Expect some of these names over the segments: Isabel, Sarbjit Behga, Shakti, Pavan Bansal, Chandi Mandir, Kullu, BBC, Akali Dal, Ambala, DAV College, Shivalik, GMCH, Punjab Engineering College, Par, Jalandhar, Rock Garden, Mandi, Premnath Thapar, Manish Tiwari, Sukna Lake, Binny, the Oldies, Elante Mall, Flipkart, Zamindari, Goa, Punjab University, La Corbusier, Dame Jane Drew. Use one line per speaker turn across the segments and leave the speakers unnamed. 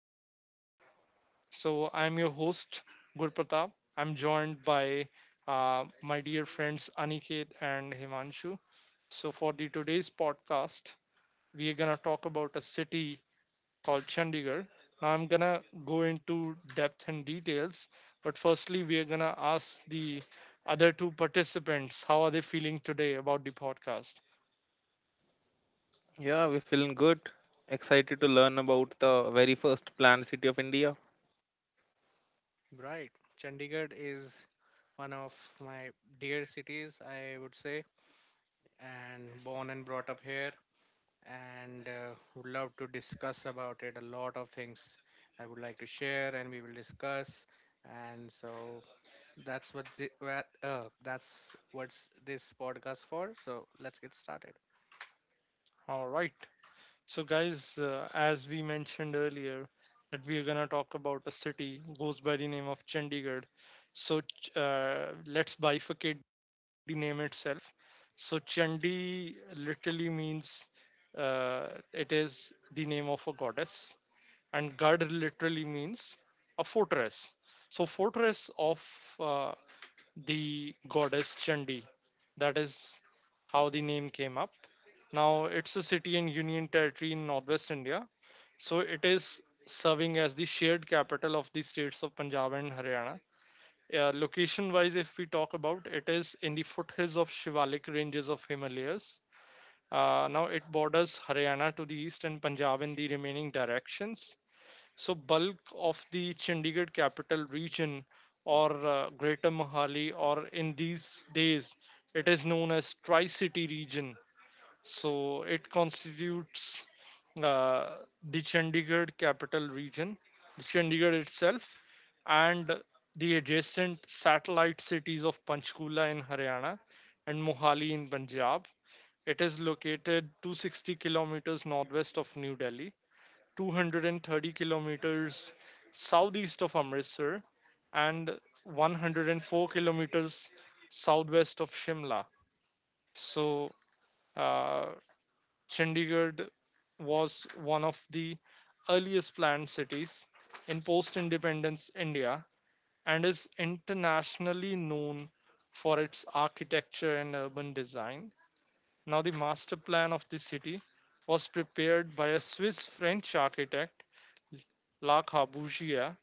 Listeners. So, I'm your host, Gurpratap. I'm joined by my dear friends Aniket and Himanshu. So, for the today's podcast, we are gonna talk about a city called Chandigarh. Now, I'm gonna go into depth and details, but firstly, we are gonna ask the other two participants how are they feeling today about the podcast.
Yeah, we're feeling good. Excited to learn about the very first planned city of India.
Right. Chandigarh is one of my dear cities, I would say, and born and brought up here, and would love to discuss about it. A lot of things I would like to share, and we will discuss. And so that's what that's what's this podcast for. So let's get started.
All right. So, guys, as we mentioned earlier, that we are gonna talk about a city goes by the name of Chandigarh. So, let's bifurcate the name itself. So, Chandi literally means it is the name of a goddess, and Garh literally means a fortress. So, fortress of uh, the goddess Chandi. That is how the name came up. Now it's a city in Union Territory in northwest India. So it is serving as the shared capital of the states of Punjab and Haryana. Location wise, if we talk about it, is in the foothills of Shivalik ranges of Himalayas. Now it borders Haryana to the east and Punjab in the remaining directions. So bulk of the Chandigarh capital region or Greater Mohali, or in these days it is known as Tri-City region. So it constitutes uh, the Chandigarh capital region, the Chandigarh itself, and the adjacent satellite cities of Panchkula in Haryana and Mohali in Punjab. It is located 260 kilometers northwest of New Delhi, 230 kilometers southeast of Amritsar, and 104 kilometers southwest of Shimla. So, uh, Chandigarh was one of the earliest planned cities in post independence India and is internationally known for its architecture and urban design. Now, the master plan of the city was prepared by a Swiss French architect La Corbusier.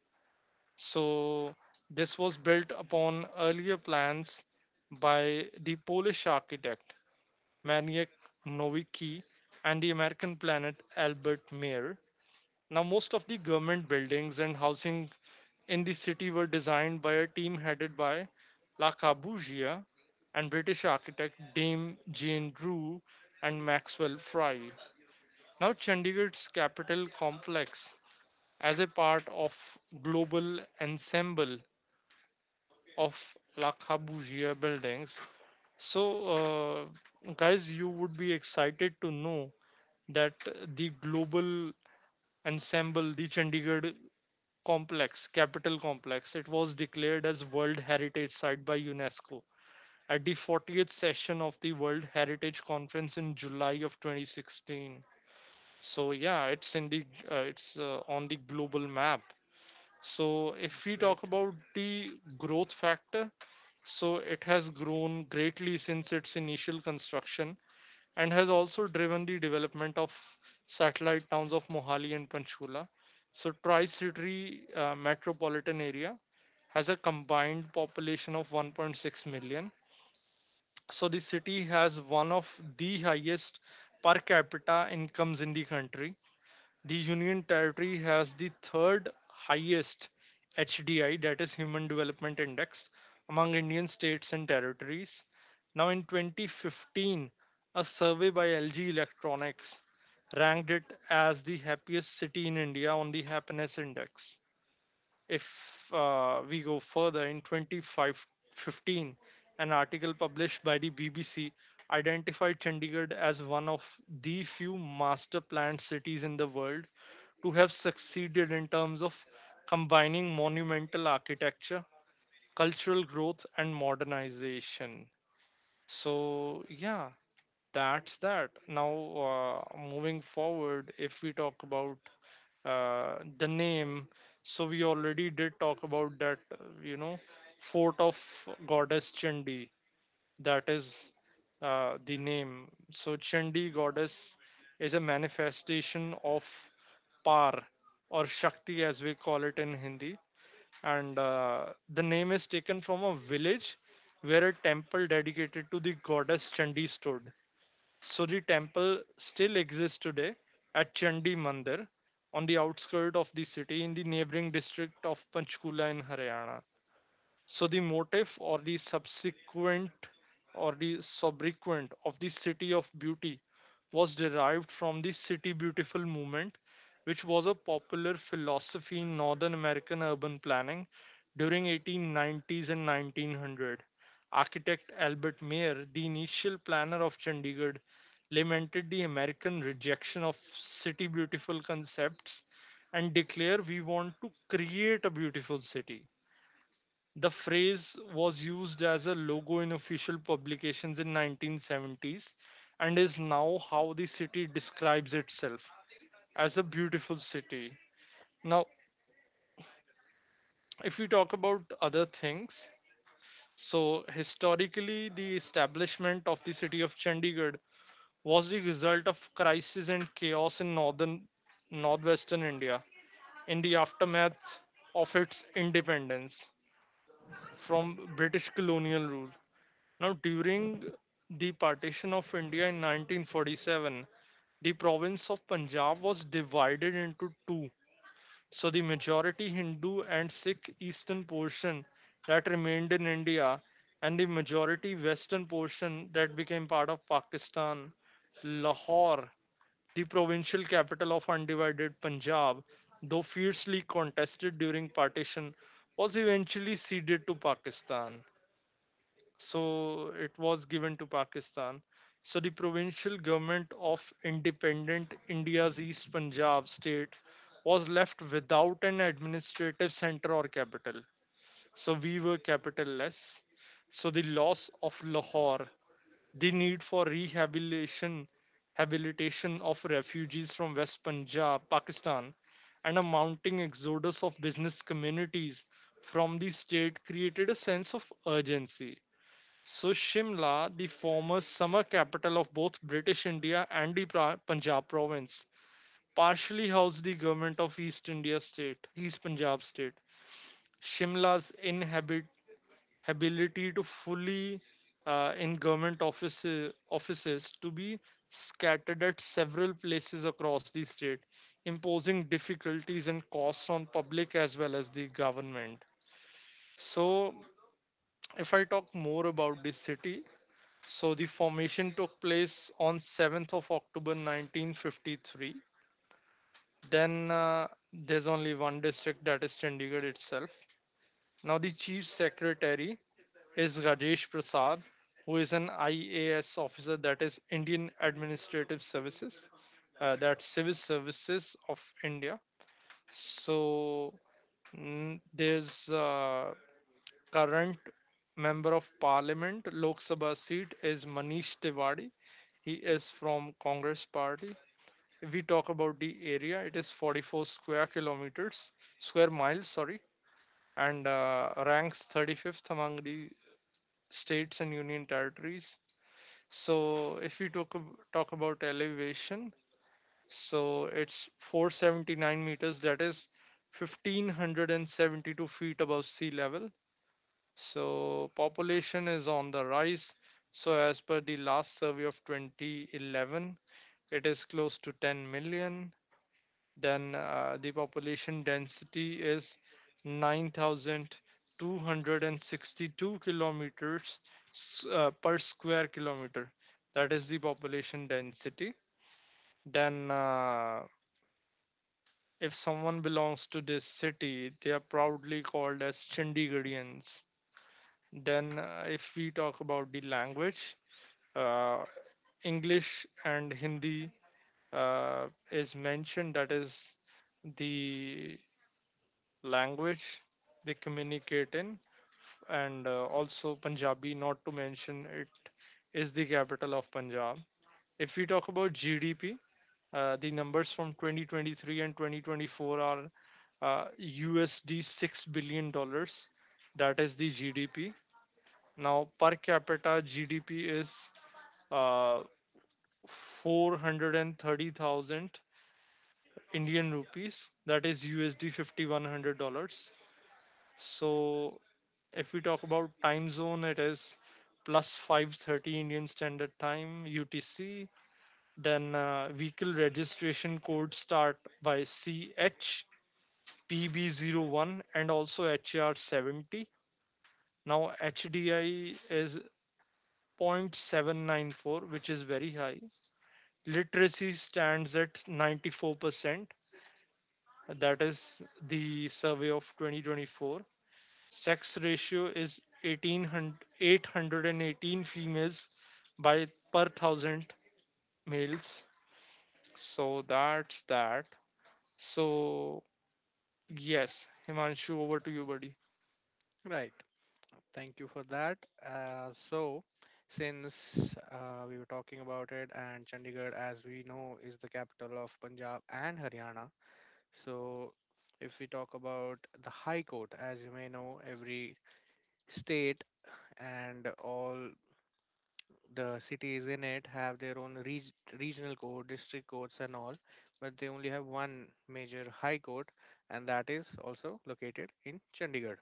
So this was built upon earlier plans by the Polish architect Maniek Nowicki and the American planet Albert Mayer. Now most of the government buildings and housing in the city were designed by a team headed by La Corbusier and British architect Dame Jane Drew and Maxwell Fry. Now Chandigarh's capital complex as a part of global ensemble of La Corbusier buildings. So, guys, you would be excited to know that the global ensemble, the Chandigarh complex, capital complex, it was declared as World Heritage Site by UNESCO at the 40th session of the World Heritage Conference in July of 2016. So yeah, it's in the it's on the global map. So, if
That's
we
great.
talk about the growth factor, so it has grown greatly since its initial construction and has also driven the development of satellite towns of Mohali and Panchkula. So, Tri City metropolitan area has a combined population of 1.6 million. So, the city has one of the highest per capita incomes in the country. The Union Territory has the third highest HDI, that is Human Development Index, among Indian states and territories. Now, in 2015, a survey by LG Electronics ranked it as the happiest city in India on the happiness index. If we go further, in 2015, an article published by the BBC identified Chandigarh as one of the few master planned cities in the world to have succeeded in terms of combining monumental architecture, cultural growth, and modernization. So, yeah, that's that. Now, moving forward, if we talk about the name, so we already did talk about that, you know, fort of goddess Chandi. That is the name. So Chandi goddess is a manifestation of Par or Shakti as we call it in Hindi. And the name is taken from a village where a temple dedicated to the goddess Chandi stood. So the temple still exists today at Chandi Mandir on the outskirts of the city in the neighboring district of Panchkula in Haryana. So the motif or the subsequent of the city of beauty was derived from the city beautiful movement, which was a popular philosophy in Northern American urban planning during 1890s and 1900. Architect Albert Mayer, the initial planner of Chandigarh, lamented the American rejection of city beautiful concepts and declared, "We want to create a beautiful city." The phrase was used as a logo in official publications in 1970s and is now how the city describes itself as a beautiful city. Now, if we talk about other things, so historically the establishment of the city of Chandigarh was the result of crisis and chaos in northern northwestern India in the aftermath of its independence from British colonial rule. Now, during the partition of India in 1947, the province of Punjab was divided into two. So, the majority Hindu and Sikh eastern portion that remained in India, and the majority western portion that became part of Pakistan. Lahore, the provincial capital of undivided Punjab, though fiercely contested during partition, was eventually ceded to Pakistan, so it was given to Pakistan. So the provincial government of independent India's East Punjab state was left without an administrative center or capital. So we were capitalless. So the loss of Lahore, the need for rehabilitation, habilitation of refugees from West Punjab, Pakistan, and a mounting exodus of business communities from the state created a sense of urgency, so Shimla, the former summer capital of both British India and the Punjab province, partially housed the government of East India state, East Punjab state. Shimla's inability to fully in government offices, offices to be scattered at several places across the state, imposing difficulties and costs on public as well as the government. So, if I talk more about this city, so the formation took place on 7th of October 1953. Then there's only one district, that is Chandigarh itself. Now the chief secretary is Rajesh Prasad, who is an IAS officer, that is Indian Administrative Services, that's Civil Services of India. So mm, there's current member of parliament lok sabha seat is Manish Tiwari. He is from congress party. If we talk about the area, it is 44 square kilometers, square miles sorry, and ranks 35th among the states and union territories. So if talk about elevation, so it's 479 meters, that is 1572 feet above sea level. So population is on the rise. So as per the last survey of 2011, it is close to 10 million. Then the population density is 9,262 kilometers per square kilometer. That is the population density. Then, if someone belongs to this city, they are proudly called as Chandigarhians. Then, if we talk about the language, uh, English and Hindi uh, is mentioned, that is the language they communicate in, and also Punjabi, not to mention it is the capital of Punjab. If we talk about GDP, the numbers from 2023 and 2024 are USD $6 billion. Dollars. That is the GDP. Now, per capita GDP is uh, 430,000 Indian rupees, that is USD 5100 dollars. So, if we talk about time zone, it is 5:30 Indian Standard Time UTC. Then vehicle registration code start by CH, PB01, and also HR70. Now HDI is 0.794, which is very high. Literacy stands at 94%. That is the survey of 2024. Sex ratio is 1800, 818 females by per thousand males. So that's that. So yes, Himanshu, over to you, buddy.
Right. Thank you for that. So, since we were talking about it, and Chandigarh, as we know, is the capital of Punjab and Haryana. So, if we talk about the High Court, as you may know, every state and all the cities in it have their own regional court, district courts, and all, but they only have one major High Court, and that is also located in Chandigarh,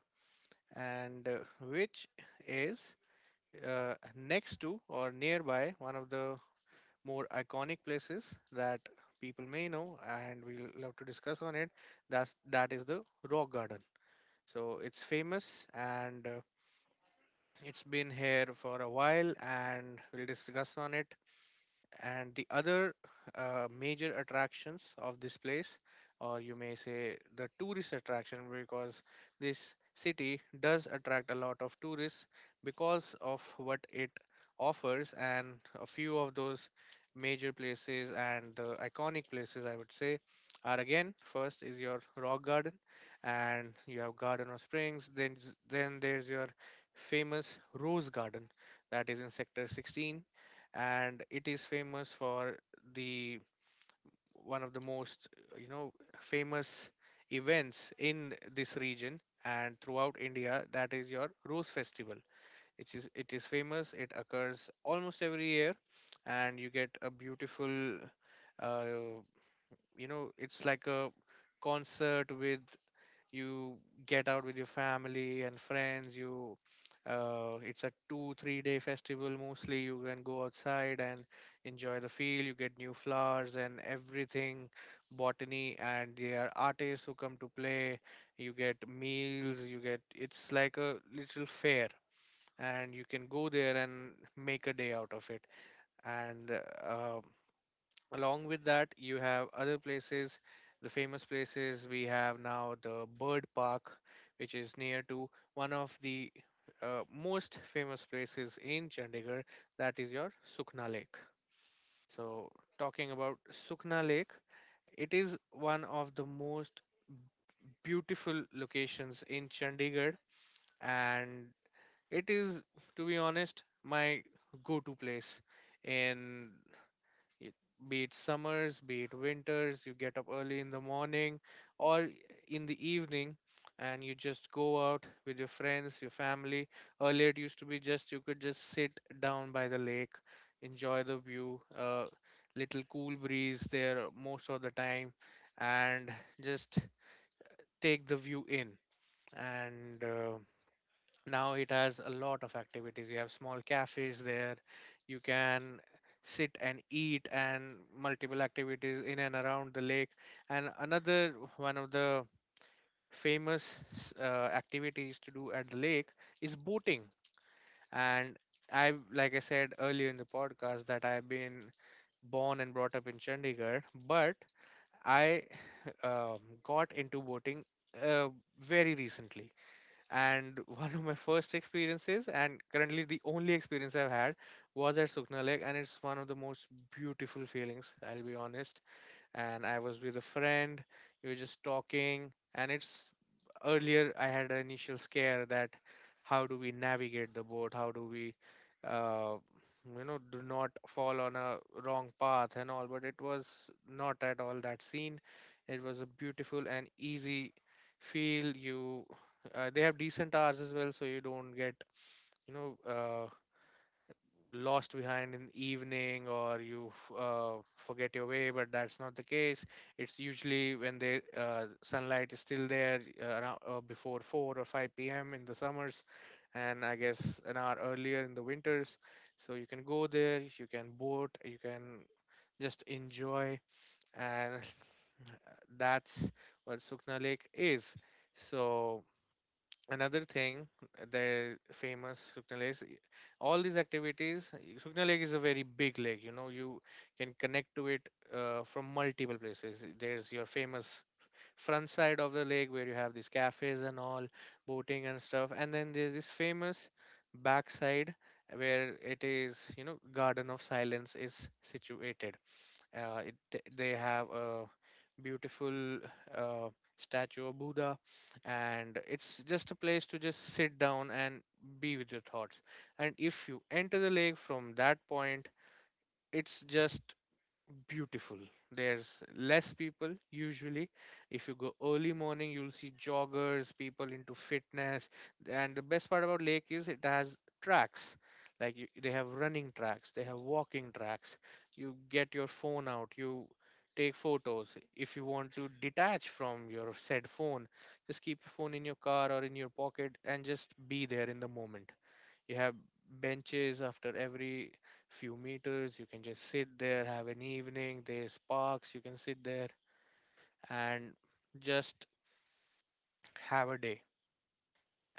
and which is next to or nearby one of the more iconic places that people may know and we'll love to discuss on it, that is the rock garden. So it's famous, and it's been here for a while and we'll discuss on it. And the other major attractions of this place, or you may say the tourist attraction, because this city does attract a lot of tourists because of what it offers. And a few of those major places and the iconic places, I would say, are, again, first is your rock garden, and you have garden of springs. Then there's your famous rose garden that is in sector 16, and it is famous for the one of the most, you know, famous events in this region and throughout India, that is your rose festival. It is famous. It occurs almost every year, and you get a beautiful, uh, you know, it's like a concert with, you get out with your family and friends. You It's a 2 3 day festival mostly. You can go outside and enjoy the field. You get new flowers and everything, botany, and there are artists who come to play. You get meals. You get, it's like a little fair, and you can go there and make a day out of it. And uh, along with that, you have other places, the famous places we have now, the bird park, which is near to one of the most famous places in Chandigarh, that is your Sukna Lake. So, talking about Sukna Lake, it is one of the most beautiful locations in Chandigarh, and it is, to be honest, my go-to place in it. Be it summers, be it winters, you get up early in the morning or in the evening, and you just go out with your friends, your family. Earlier, it used to be just you could just sit down by the lake, enjoy the view, little cool breeze there most of the time, and just take the view in. And now it has a lot of activities. You have small cafes there. You can sit and eat, and multiple activities in and around the lake. And another one of the famous activities to do at the lake is boating. And I, like I said earlier in the podcast, that I've been born and brought up in Chandigarh, but I got into boating uh, very recently. And one of my first experiences, and currently the only experience I've had, was at Sukna Lake, and it's one of the most beautiful feelings, I'll be honest. And I was with a friend. We were just talking, and it's, earlier I had an initial scare that how do we navigate the boat? How do we, uh, you know, do not fall on a wrong path and all? But it was not at all that scene. It was a beautiful and easy feel. They have decent hours as well, so you don't get, you know, lost behind in the evening, or you forget your way, but that's not the case. It's usually when the sunlight is still there, around before 4 or 5 p.m. in the summers, and I guess an hour earlier in the winters. So you can go there, you can boat, you can just enjoy. And that's what Sukna Lake is. So another thing, the famous Sukna Lake, is all these activities. Sukna Lake is a very big lake, you know. You can connect to it from multiple places. There's your famous front side of the lake where you have these cafes and all, boating and stuff. And then there's this famous backside where it is, you know, Garden of Silence is situated. They have a beautiful uh, statue of Buddha, and it's just a place to just sit down and be with your thoughts. And if you enter the lake from that point, it's just beautiful. There's less people usually. If you go early morning, you'll see joggers, people into fitness. And the best part about lake is it has tracks. Like, you, they have running tracks, they have walking tracks. You get your phone out, you take photos. If you want to detach from your said phone, just keep your phone in your car or in your pocket and just be there in the moment. You have benches after every few meters. You can just sit there, have an evening. There's parks, you can sit there and just have a day.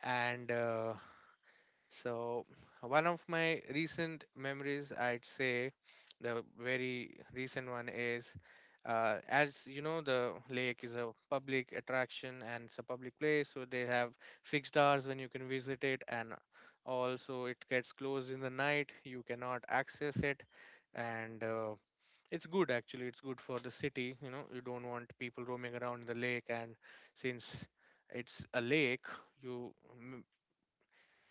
And so, one of my recent memories, I'd say, the very recent one is, as you know, the lake is a public attraction and it's a public place, so they have fixed hours when you can visit it, and also it gets closed in the night, you cannot access it. And it's good, actually. It's good for the city, you know. You don't want people roaming around the lake. And since it's a lake, you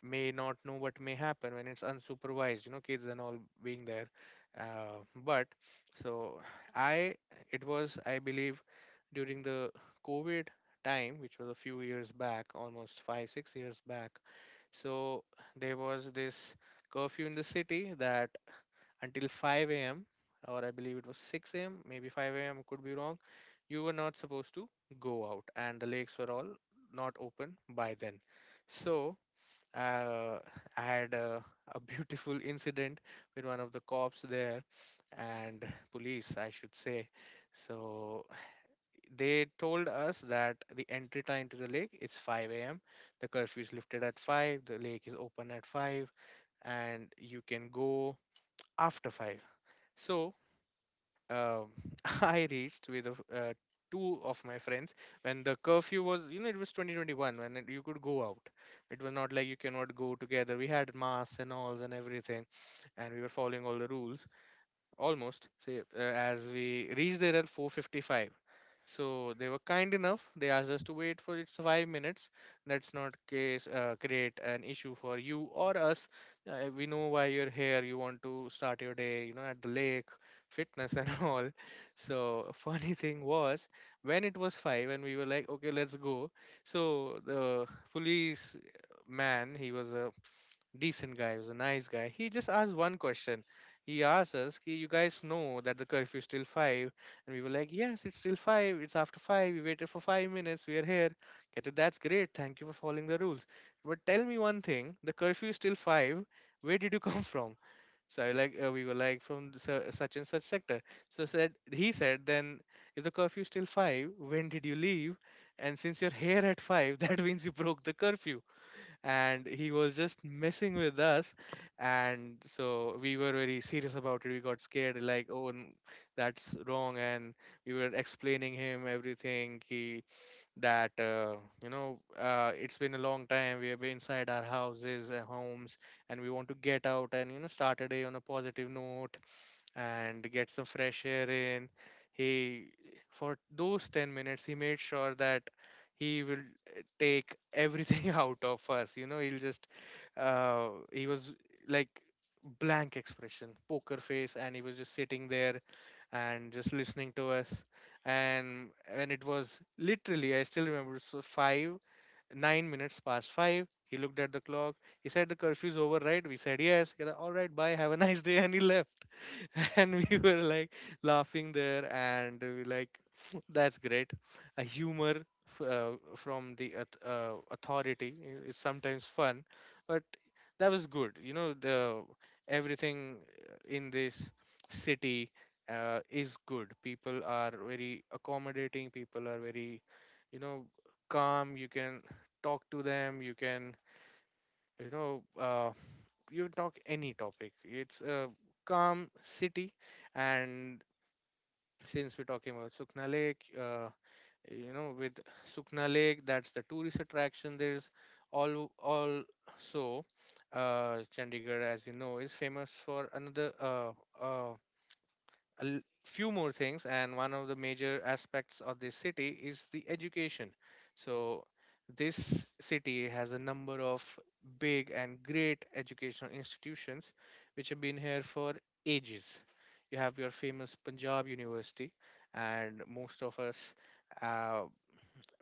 may not know what may happen when it's unsupervised, you know, kids and all being there. But so I It was, I believe, during the COVID time, which was a few years back, almost 5 6 years back. So there was this curfew in the city that until 5 a.m., or I believe it was 6 a.m., maybe 5 a.m., could be wrong, you were not supposed to go out, and the lakes were all not open by then. So uh, I had a beautiful incident with one of the cops there, and police, I should say. So they told us that the entry time to the lake is 5 a.m. The curfew is lifted at 5, the lake is open at 5, and you can go after 5. So um, I reached with a, f two of my friends when the curfew was, you know, it was 2021 when it, you could go out. It was not like you cannot go together. We had masks and alls and everything, and we were following all the rules almost. Say, as we reached there at 4:55, so they were kind enough. They asked us to wait for its 5 minutes. Let's not case create an issue for you or us. We know why you're here. You want to start your day, you know, at the lake, fitness and all. So a funny thing was, when it was five and we were like, okay, let's go. So the police man, he was a decent guy, he was a nice guy. He just asked one question. He asked us, "Ki, you guys know that the curfew is still five?" And we were like, yes, it's still five. It's after five. We waited for 5 minutes. We are here. Kehte, that's great. Thank you for following the rules. But tell me one thing. The curfew is still five. Where did you come from? So I, like, we were like, from the such and such sector. So said he said, then if the curfew is still five, when did you leave? And since you're here at five, that means you broke the curfew. And he was just messing with us, and so we were very serious about it. We got scared like, oh that's wrong. And we were explaining him everything. He that You know, it's been a long time we have been inside our houses and homes, and we want to get out and, you know, start a day on a positive note and get some fresh air in. He, for those 10 minutes, he made sure that he will take everything out of us. You know, he'll just, he was like blank expression, poker face, and he was just sitting there and just listening to us. And when it was literally, I still remember, so five, 9 minutes past five, he looked at the clock. He said, the curfew's over, right? We said, yes. He said, all right, bye. Have a nice day. And he left. And we were like laughing there and we like that's great. A humor from the authority is sometimes fun, but that was good, you know. The everything in this city is good. People are very accommodating. People are very, you know, calm. You can talk to them. You can, you know uh, you can talk any topic. It's a calm city. And since we're talking about Sukna Lake, with Sukna Lake, that's the tourist attraction. There's all also Chandigarh, as you know, is famous for another, uh, few more things. And one of the major aspects of this city is the education. So this city has a number of big and great educational institutions which have been here for ages. You have your famous Punjab University, and most of us uh,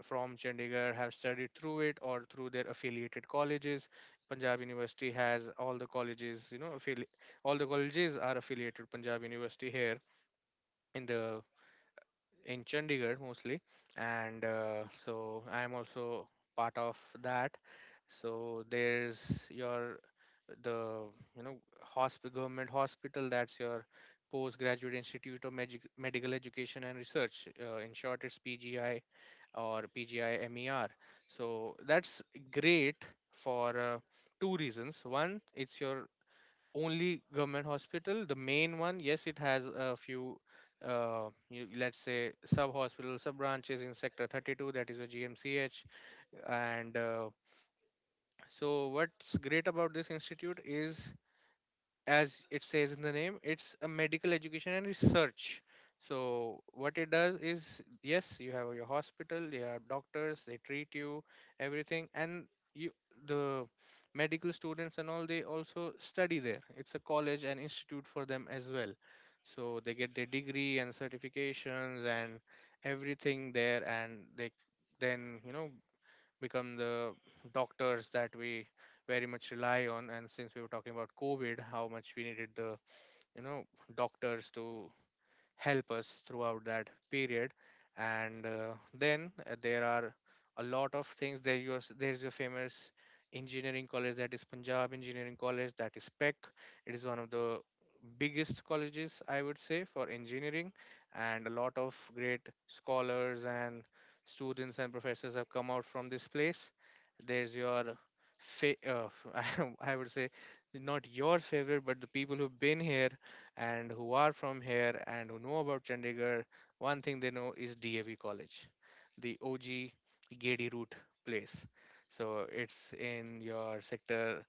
from Chandigarh have studied through it or through their affiliated colleges. Punjab University has all the colleges, you know, all the colleges are affiliated Punjab University here in the in Chandigarh mostly. And so I am also part of that. So there's your the you know hosp- government hospital, that's your postgraduate institute of medical education and research. In short, it's PGI or PGIMER. So that's great for, two reasons. One, it's your only government hospital, the main one. Yes, it has a few let's say, sub hospital sub branches in sector 32, that is a GMCH. And so what's great about this institute is as it says in the name, it's a medical education and research. So what it does is, yes, you have your hospital, you have doctors, they treat you, everything. And you the medical students and all, they also study there. It's a college and institute for them as well. So they get their degree and certifications and everything there, and they then, you know, become the doctors that we very much rely on. And since we were talking about COVID, how much we needed the, you know, doctors to help us throughout that period. And then there are a lot of things there. Your There's your famous engineering college, that is Punjab Engineering College, that is PEC. It is one of the biggest colleges, I would say, for engineering. And a lot of great scholars and students and professors have come out from this place. There's your fa- uh, I would say, not your favorite, but the people who've been here and who are from here and who know about Chandigarh, one thing they know is DAV College, the OG Gedi Route place. So it's in your sector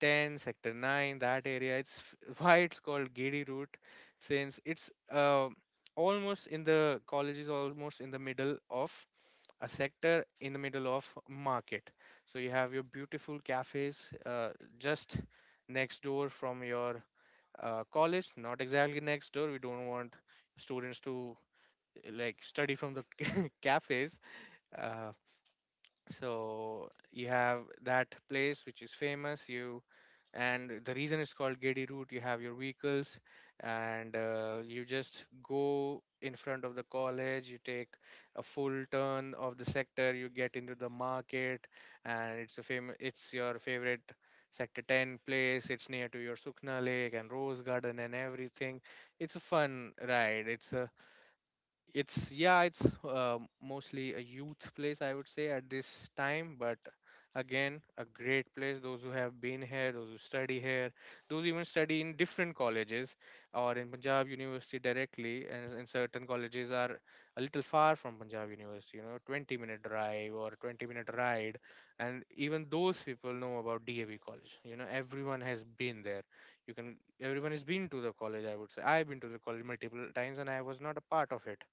10, sector 9, that area. It's why it's called Gedi Route. Since it's, almost in the college is almost in the middle of a sector, in the middle of market. So you have your beautiful cafes, just next door from your college. Not exactly next door, we don't want students to like study from the cafes. uh, so you have that place which is famous. You and the reason it's called Gedi Route. You have your vehicles, and you just go in front of the college. You take a full turn of the sector. You get into the market, and it's a famous. It's your favorite sector 10 place. It's near to your Sukna Lake and Rose Garden and everything. It's a fun ride. It's yeah, it's mostly a youth place, I would say, at this time. But again, a great place. Those who have been here, those who study here, those even study in different colleges or in Punjab University directly. And in certain colleges are a little far from Punjab University, you know, 20-minute drive or 20-minute ride. And even those people know about DAV college, you know, everyone has been there. You can Everyone has been to the college, I would say. I've been to the college multiple times and I was not a part of it.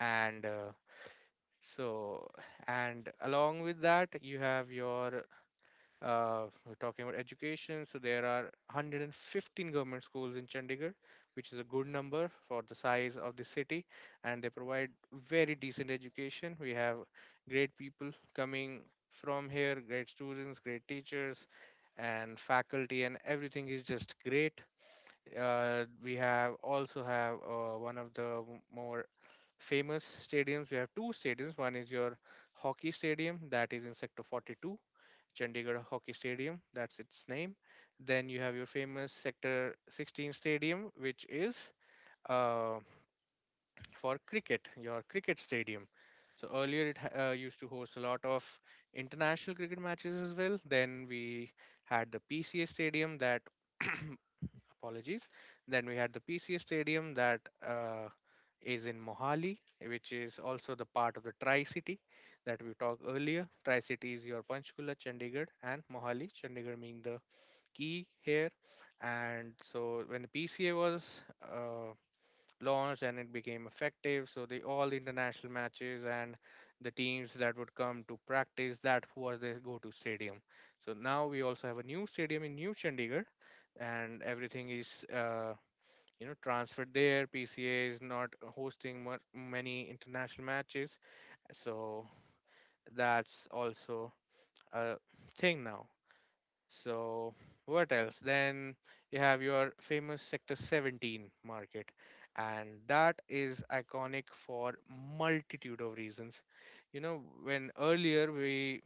And so and along with that you have your we're talking about education, so there are 115 government schools in Chandigarh, which is a good number for the size of the city. And they provide very decent education. We have great people coming from here, great students, great teachers and faculty, and everything is just great. We have also have one of the more famous stadiums. We have two stadiums. One is your hockey stadium that is in Sector 42, Chandigarh Hockey Stadium. That's its name. Then you have your famous Sector 16 stadium, which is uh, for cricket. Your cricket stadium. So earlier it used to host a lot of international cricket matches as well. Then we had the PCA stadium that apologies. Then we had the PCA Stadium that uh, is in Mohali, which is also the part of the Tri City that we talked earlier. Tri City is your Panchkula, Chandigarh, and Mohali. Chandigarh being the key here. And so when the PCA was launched and it became effective. So the all the international matches and the teams that would come to practice, that was their go-to stadium. So now we also have a new stadium in New Chandigarh, and everything is, you know, transferred there. PCA is not hosting many international matches. So that's also a thing now. So what else? Then you have your famous Sector 17 market, and that is iconic for multitude of reasons. You know, when earlier we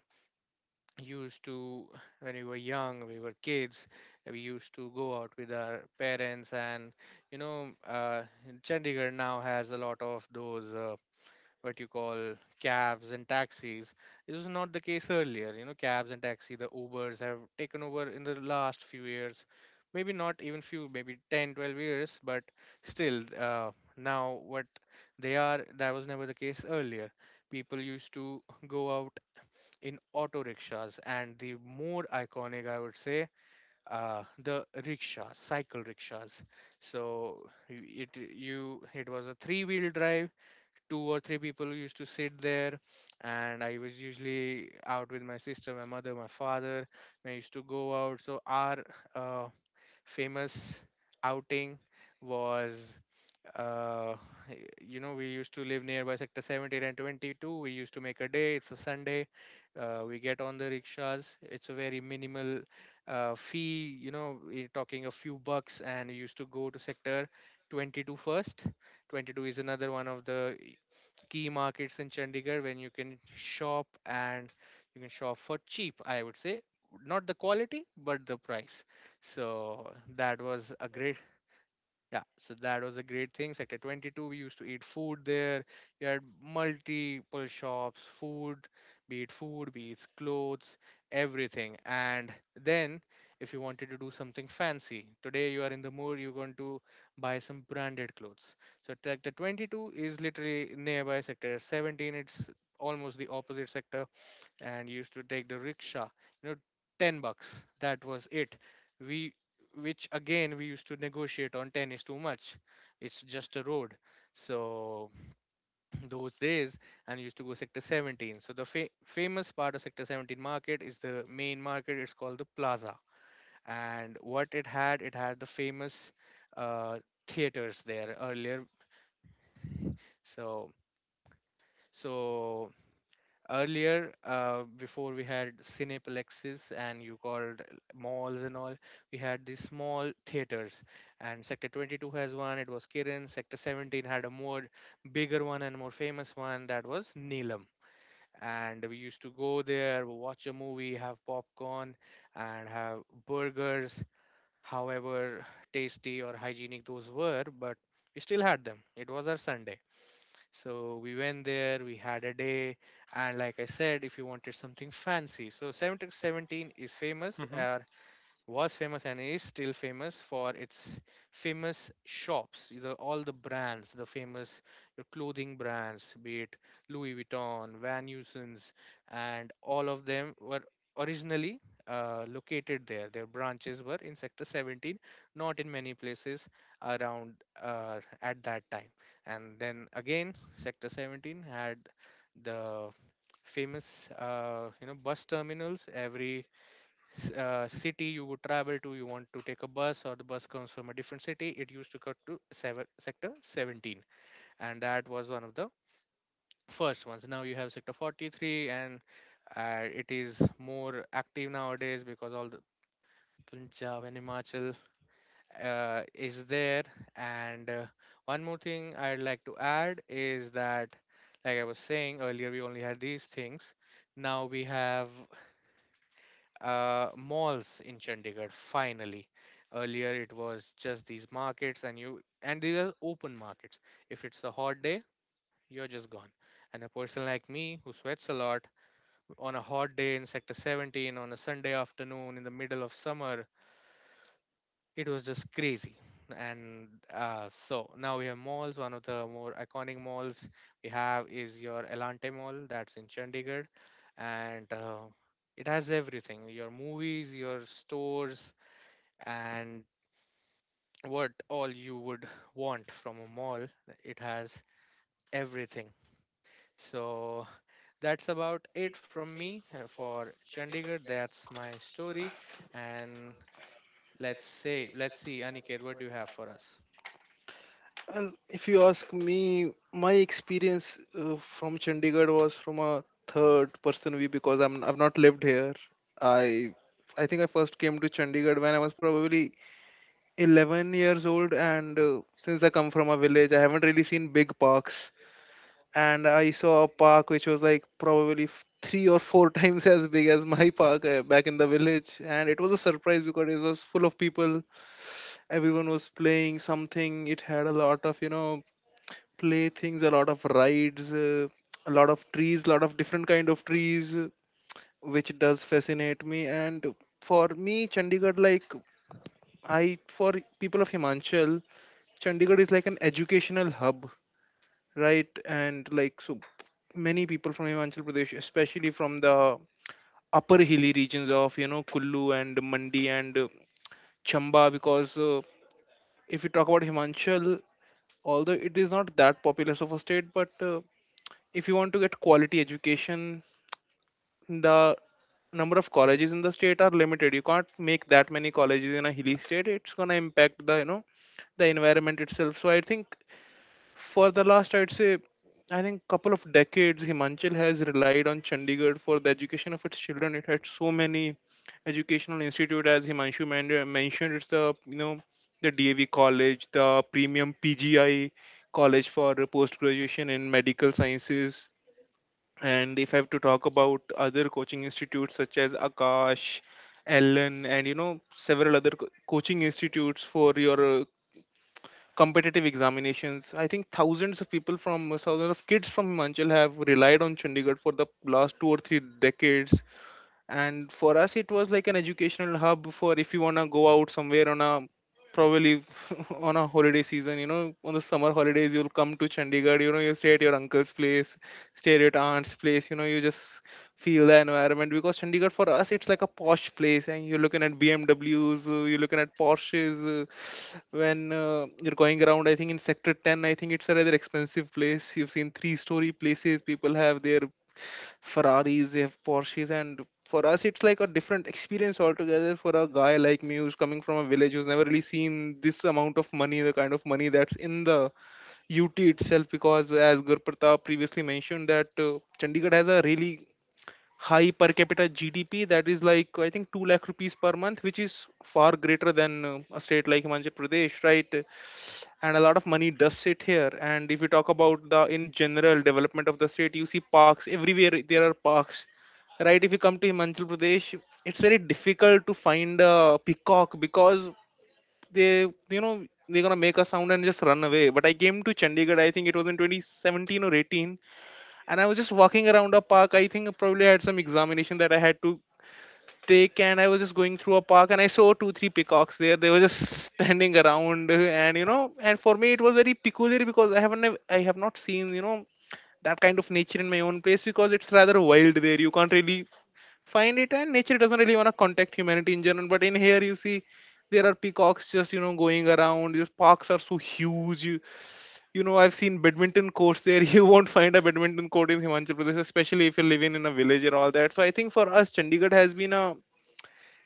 used to, when we were young, we were kids, we used to go out with our parents. And, you know, uh, Chandigarh now has a lot of those. What you call cabs and taxis. This was not the case earlier. You know, cabs and taxi, the Ubers have taken over in the last few years. Maybe not even few, maybe 10, 12 years. But still, now what they are, that was never the case earlier. People used to go out in auto rickshaws, and the more iconic, I would say, the rickshaws, cycle rickshaws. So it was a three-wheel drive. Two or three people used to sit there, and I was usually out with my sister, my mother, my father. I used to go out. So our uh, famous outing was, uh, you know, we used to live nearby sector 17 and 22. We used to make a day, it's a Sunday. We get on the rickshaws. It's a very minimal fee, you know, we're talking a few bucks. And we used to go to sector 22 first. 22 is another one of the key markets in Chandigarh when you can shop. And you can shop for cheap, I would say. Not the quality, but the price. So that was a great, yeah, so that was a great thing. Sector 22, we used to eat food there. You had multiple shops, food, be it clothes, everything. And then, if you wanted to do something fancy, today you are in the mood, you're going to buy some branded clothes. So Sector 22 is literally nearby Sector 17. It's almost the opposite sector, and used to take the rickshaw, you know, 10 bucks, that was it. We Which again, we used to negotiate on 10 is too much. It's just a road. So those days, and used to go sector 17. So the famous part of sector 17 market is the main market. It's called the Plaza. And what it had, it had the famous uh, theaters there earlier. so so earlier, before we had cineplexes and you called malls and all, we had these small theaters. And sector 22 has one. It was Kiran. Sector 17 had a more bigger one and more famous one. That was Neelam. And we used to go there, watch a movie, have popcorn and have burgers, however tasty or hygienic those were. But we still had them. It was our Sunday. So we went there, we had a day. And like I said, if you wanted something fancy, so 1717 is famous.
Mhm.
Our was famous and is still famous for its famous shops, you know, all the brands, the famous your clothing brands, be it Louis Vuitton, Van Heusen's. And all of them were originally located there. Their branches were in Sector 17, not in many places around at that time. And then again, Sector 17 had the famous, you know, bus terminals. Every city you would travel to, you want to take a bus or the bus comes from a different city, it used to cut to seven, sector 17. And that was one of the first ones. Now you have sector 43, and it is more active nowadays because all the Punjab and Himachal is there. And one more thing I'd like to add is that like I was saying earlier, we only had these things. Now we have malls in Chandigarh, finally. Earlier it was just these markets, and you and these are open markets. If it's a hot day, you're just gone. And a person like me who sweats a lot on a hot day in sector 17 on a Sunday afternoon in the middle of summer, it was just crazy. And so now we have malls. One of the more iconic malls we have is your Elante Mall, that's in Chandigarh. And it has everything: your movies, your stores, and what all you would want from a mall. It has everything. So that's about it from me, for Chandigarh. That's my story. And let's say, let's see, Aniket, what do you have for us?
And if you ask me, my experience from Chandigarh was from a third person view because I've not lived here. I I think I first came to Chandigarh when I was probably 11 years old, and since I come from a village, I haven't really seen big parks. And I saw a park which was like probably three or four times as big as my park back in the village. And it was a surprise because it was full of people. Everyone was playing something. It had a lot of play things, a lot of rides, a lot of trees, a lot of different kind of trees, which does fascinate me. And for me, Chandigarh, like I for people of Himachal, Chandigarh is like an educational hub, right? And like so many people from Himachal Pradesh, especially from the upper hilly regions of Kullu and Mandi and Chamba, because if you talk about Himachal, although it is not that populous of a state, but if you want to get quality education, the number of
It
colleges
yes.
in the state are limited. You can't make that many colleges in a hilly state. It's gonna impact the you know the environment itself. So I think for the last, I'd say, I think couple of decades, Himachal has relied on Chandigarh for the education of its children. It had so many educational institute, as Himanshu mentioned. It's the you know the DAV college, the premium PGI college for post graduation in medical sciences. And if I have to talk about other coaching institutes such as Akash, Ellen, and several other coaching institutes for your competitive examinations. I think thousands of people from thousands of kids from Himachal have relied on Chandigarh for the last two or three decades. And for us, it was like an educational hub for, if you want to go out somewhere on a probably on a holiday season, on the summer holidays, you'll come to Chandigarh. You stay at your uncle's place, stay at your aunt's place. You just feel the environment, because Chandigarh for us, it's like a posh place, and you're looking at BMWs, you're looking at Porsches, when you're going around, I think in sector 10, I think it's a rather expensive place. You've seen three-story places. People have their Ferraris, they have Porsches, and for us it's like a different experience altogether for a guy like me who's coming from a village, who's never really seen this amount of money, the kind of money that's in the UT itself. Because as Gurpratap previously mentioned that Chandigarh has a really high per capita GDP, that is like I think 2 lakh rupees per month, which is far greater than a state like Himachal Pradesh, right? And a lot of money does sit here. And if you talk about the in general development of the state, you see parks everywhere, there are parks, right? If you come to Himachal Pradesh, it's very difficult to find a peacock because they you know they're gonna make a sound and just run away. But I came to Chandigarh, I think it was in 2017 or 18. And I was just walking around a park. I think I probably had some examination that I had to thick. And I was just going through a park, and I saw two three peacocks there. They were just standing around and you know and for me, it was very peculiar because I have not seen that kind of nature in my own place because it's rather wild there, you can't really find it. And nature doesn't really want to contact humanity in general. But in here you see there are peacocks just going around. These parks are so huge. You know I've seen badminton courts there. You won't find a badminton court in Himachal Pradesh, especially if you're living in a village and all that. So I think for us, Chandigarh has been a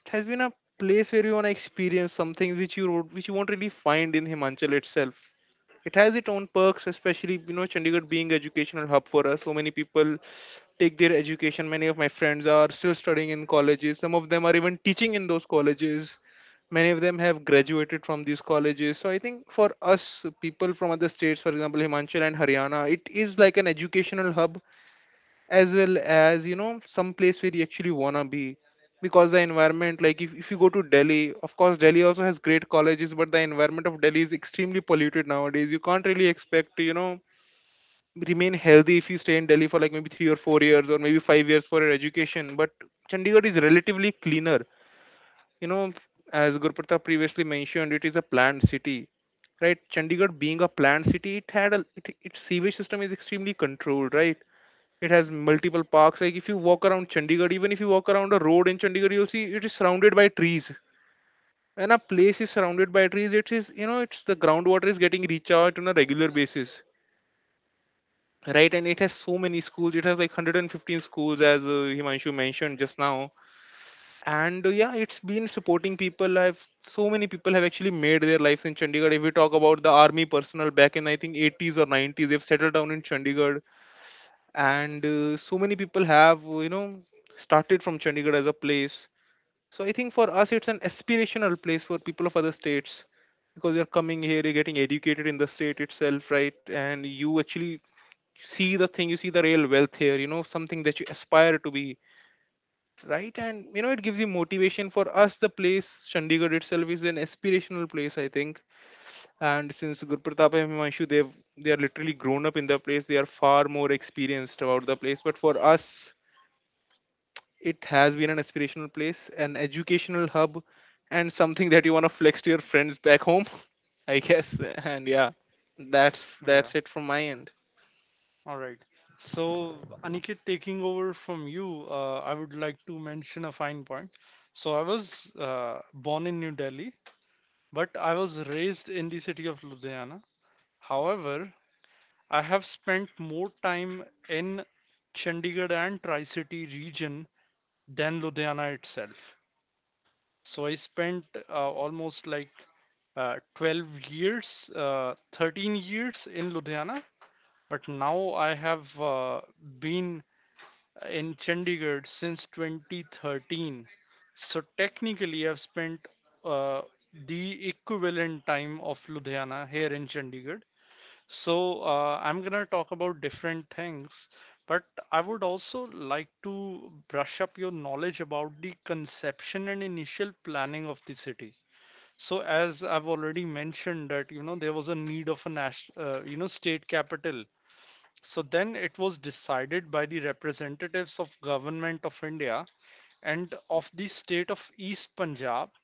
it has been a place where you want to experience something which you wrote, which you won't really find in Himachal itself. It has its own perks, especially Chandigarh being educational hub for us. So many people take their education. Many of my friends are still studying in colleges. Some of them are even teaching in those colleges. Many of them have graduated from these colleges. So I think for us people from other states, for example Himachal and Haryana, it is like an educational hub as well as some place where you actually wanna be, because the environment, like if you go to Delhi, of course Delhi also has great colleges, but the environment of Delhi is extremely polluted nowadays. You can't really expect to remain healthy if you stay in Delhi for like maybe 3 or 4 years or maybe 5 years for your education. But Chandigarh is relatively cleaner. you know as Gurpratap previously mentioned, it is a planned city, right? Chandigarh being a planned city, it had its sewage system is extremely controlled, right? It has multiple parks. Like if you walk around Chandigarh, even if you walk around a road in Chandigarh, you'll see it is surrounded by trees. When a place is surrounded by trees, it's the groundwater is getting recharged on a regular basis, right? And it has so many schools. It has like 115 schools, as Himanshu mentioned just now. And yeah, it's been supporting people. I've So many people have actually made their lives in Chandigarh. If we talk about the army personnel back in I think 80s or 90s, they've settled down in Chandigarh. And so many people have started from Chandigarh as a place. So I think for us it's an aspirational place for people of other states, because you're coming here, you're getting educated in the state itself, right? And you actually see the thing, you see the real wealth here. Something that you aspire to be, right? And it gives you motivation. For us, the place Chandigarh itself is an aspirational place, I think. And since Gurpratap and Himanshu, they are literally grown up in the place. They are far more experienced about the place. But for us, it has been an aspirational place, an educational hub, and something that you want to flex to your friends back home, I guess. And yeah, that's
Yeah.
that's it from my end.
All right. So, Aniket, taking over from you, I would like to mention a fine point. So, I was born in New Delhi, but I was raised in the city of Ludhiana. However, I have spent more time in Chandigarh and Tri-City region than Ludhiana itself. So, I spent uh, almost like 12 years, 13 years in Ludhiana, but now I have been in Chandigarh since 2013. So technically, I've spent uh, the equivalent time of Ludhiana here in Chandigarh. So I'm gonna talk about different things, but I would also like to brush up your knowledge about the conception and initial planning of the city. So as I've already mentioned that you know there was a need of a national you know state capital. So then it was decided by the representatives of government of India and of the state of East Punjab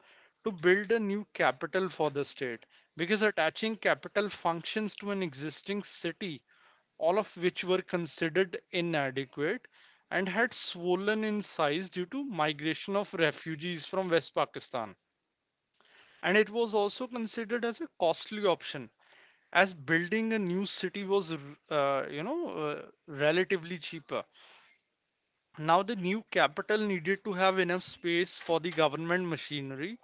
to build a new capital for the state, because attaching capital functions to an existing city, all of which were considered inadequate and had swollen in size due to migration of refugees from West Pakistan, and it was also considered as a costly option as building a new city was relatively cheaper. Now the new capital needed to have enough space for the government machinery,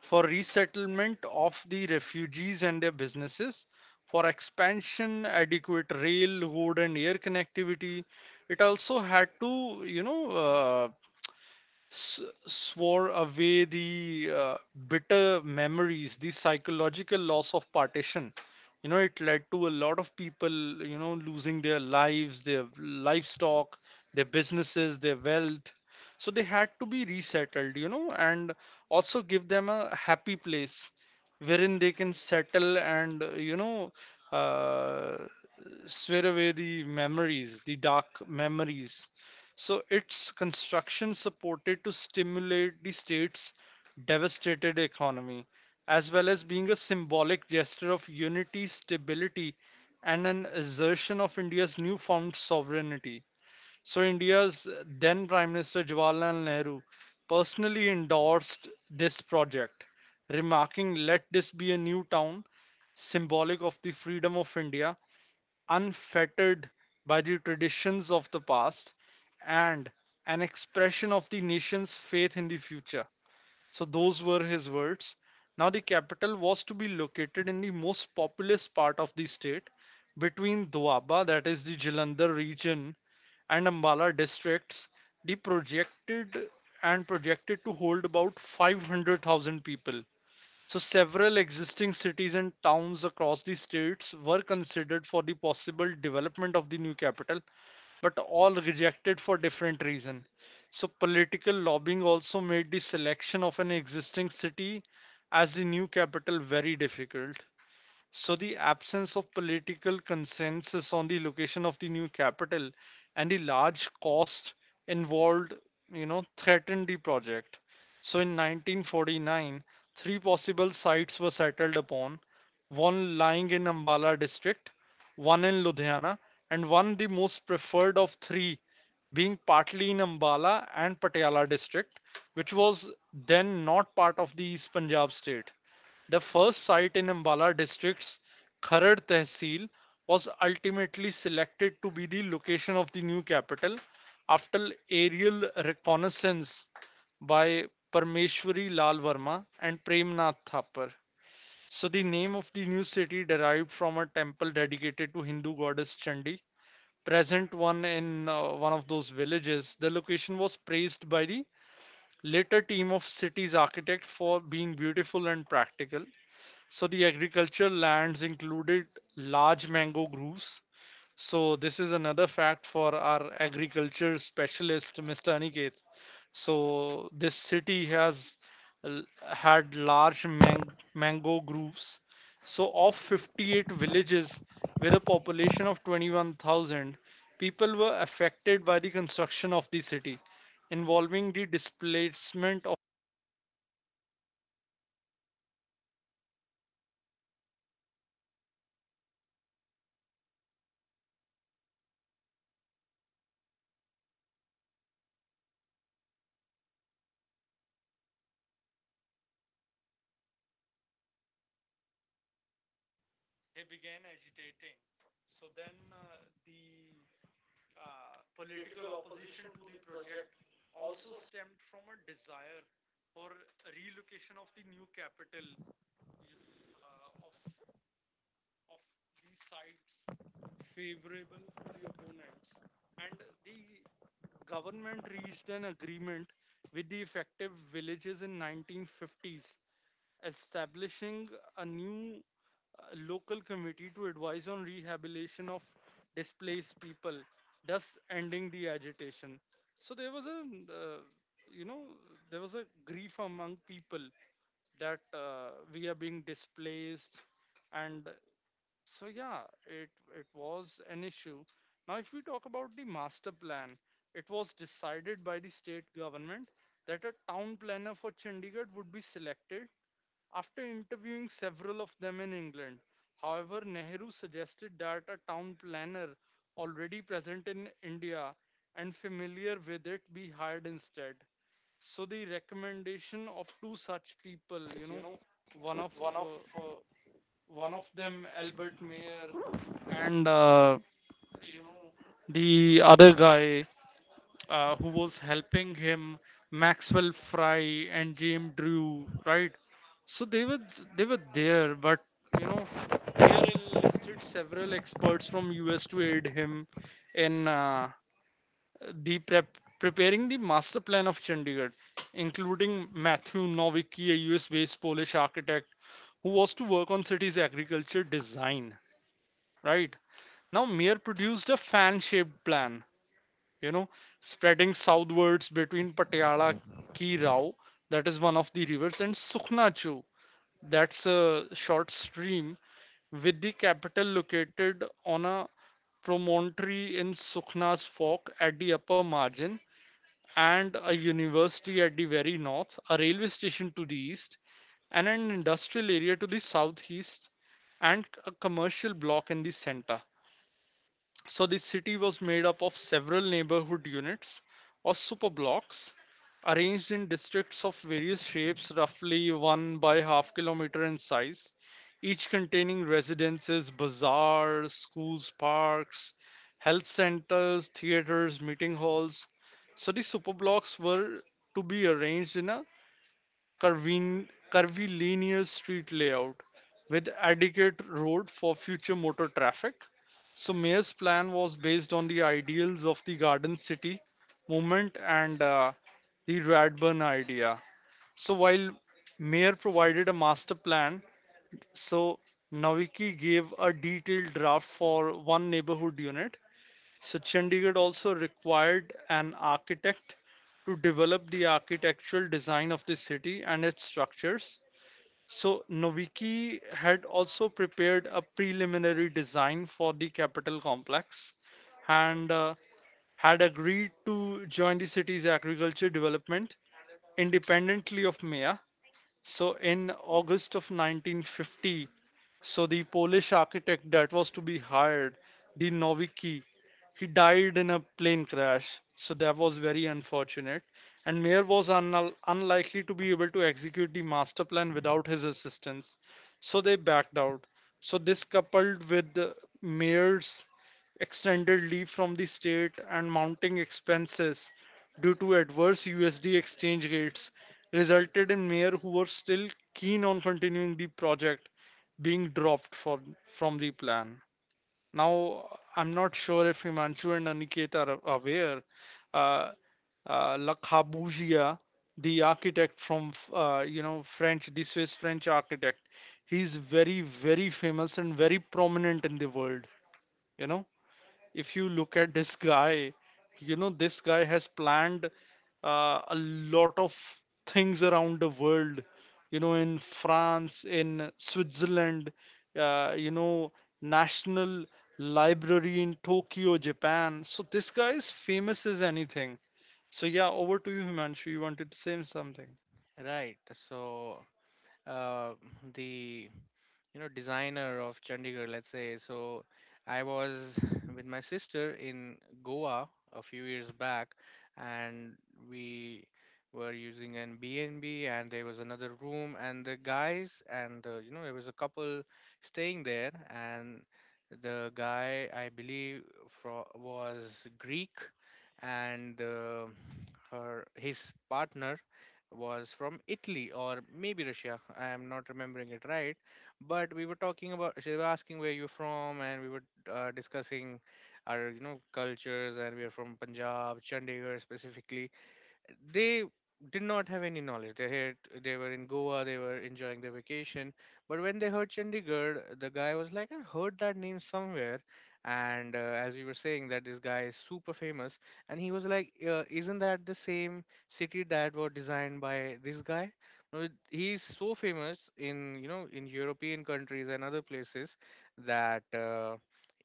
for resettlement of the refugees and their businesses, for expansion, adequate rail road and air connectivity. It also had to, you know, swore away the bitter memories, the psychological loss of partition. You know, it led to a lot of people, you know, losing their lives, their livestock, their businesses, their wealth. So they had to be resettled, you know, and also give them a happy place wherein they can settle and, uh, swear away the memories, the dark memories. So its construction supported to stimulate the state's devastated economy, as well as being a symbolic gesture of unity, stability, and an assertion of India's newfound sovereignty. So India's then Prime Minister Jawaharlal Nehru personally endorsed this project, remarking, "Let this be a new town, symbolic of the freedom of India, unfettered by the traditions of the past and an expression of the nation's faith in the future." So, those were his words. Now, the capital was to be located in the most populous part of the state between Doaba, that is the Jalandhar region, and Ambala districts. The projected and projected to hold about 500,000 people. So, several existing cities and towns across the states were considered for the possible development of the new capital, but all rejected for different reasons. So, political lobbying also made the selection of an existing city as the new capital very difficult. So, the absence of political consensus on the location of the new capital and the large cost involved, threatened the project. So, in 1949, three possible sites were settled upon, one lying in Ambala district, one in Ludhiana, and one, the most preferred of three, being partly in Ambala and Patiala district, which was then not part of the East Punjab state. The first site in Ambala district's Kharad Tehsil was ultimately selected to be the location of the new capital after aerial reconnaissance by Parmeshwari Lal Verma and Premnath Thapar. So the name of the new city derived from a temple dedicated to Hindu goddess Chandi, present one in one of those villages. The location was praised by the later team of city's architect for being beautiful and practical. So the agricultural lands included large mango groves. So this is another fact for our agriculture specialist, Mr. Aniket. So this city had large mango groves. So of 58 villages with a population of 21,000, people were affected by the construction of the city, involving the displacement of you know one of uh, one of them. Albert Mayer and you know the other guy who was helping him, Maxwell Fry and James Drew, right, so they were there, but you know Mayer enlisted several experts from US to aid him in the prep preparing the master plan of Chandigarh, including Matthew Nowicki, a US based Polish architect who was to work on city's agriculture design, right? Now Mir produced a fan-shaped plan, you know, spreading southwards between Patiala Ki Rao, that is one of the rivers, and Sukhna Chu, that's a short stream, with the capital located on a promontory in Sukhna's fork at the upper margin, and a university at the very north, railway station to the east, and an industrial area to the southeast, and a commercial block in the center. So this city was made up of several neighborhood units or super blocks arranged in districts of various shapes, roughly one by half kilometer in size, each containing residences, bazaars, schools, parks, health centers, theaters, meeting halls. So the superblocks were to be arranged in a curvilinear street layout with adequate road for future motor traffic. So Mayor's plan was based on the ideals of the Garden City movement and the Radburn idea. So while Mayor provided a master plan, so Naviki gave a detailed draft for one neighborhood unit. So Chandigarh also required an architect to develop the architectural design of the city and its structures, so Noviki had also prepared a preliminary design for the capital complex and had agreed to join the city's agriculture development independently of Maya. So in August of 1950, so the Polish architect that was to be hired, the Nowicki, he died in a plane crash, so that was very unfortunate. And Mayer was unlikely to be able to execute the master plan without his assistance, so they backed out. So, this, coupled with the Mayer's extended leave from the state and mounting expenses due to adverse USD exchange rates, resulted in Mayer, who were still keen on continuing the project, being dropped from the plan. Now, I'm not sure if Himanshu and Aniket are aware. Uh, Le Corbusier, the architect from, French, the Swiss French architect, he's very, very famous and very prominent in the world. you know if you look at this guy, this guy has planned a lot of things around the world, in France, in Switzerland, uh, you know, National Library in Tokyo, Japan. So this guy is famous as anything. So yeah, over to you, Himanshu. You wanted to say something.
Right. So uh, the, you know, designer of Chandigarh, let's say. So I was with my sister in Goa a few years back, and we were using an B&B. And there was another room, and the guys and, you know, there was a couple staying there. And the guy, I believe, fro was Greek. And her his partner was from Italy or maybe Russia. I am not remembering it right. But we were talking about, she was asking where you're from, and we were discussing our, you know, cultures. And we are from Punjab, Chandigarh specifically. They did not have any knowledge. They were in Goa, they were enjoying their vacation. But when they heard Chandigarh, the guy was like, "I heard that name somewhere." And as we were saying, that this guy is super famous. And he was like, "Isn't that the same city that was designed by this guy?" No, he's so famous in, you know, in European countries and other places that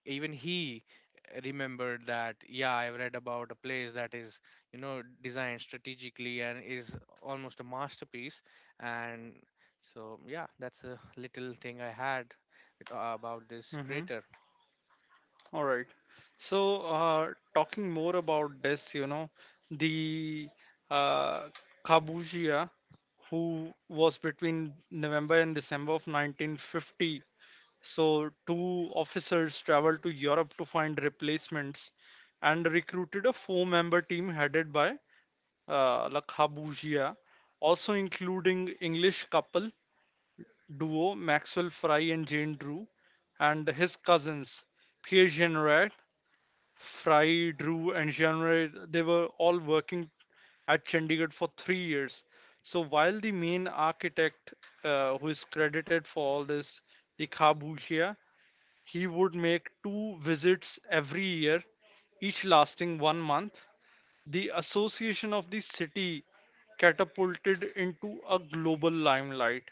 even he remembered that. Yeah, I've read about a place that is, you know, designed strategically and is almost a masterpiece. And so yeah, that's a little thing I had with, about this
Hmm.
crater.
All right. So talking more about this, the uh, Kabushia, who was between November and December of 1950. So, two officers traveled to Europe to find replacements and recruited a four-member team headed by Lakha, also including English couple duo Maxwell Fry and Jane Drew, and his cousins Pierre Jenrette. Fry, Drew, and Jenrette, they were all working at Chandigarh for 3 years. So while the main architect, who is credited for all this, Ikhabushia, he would make two visits every year, each lasting one month. The association of the city catapulted into a global limelight.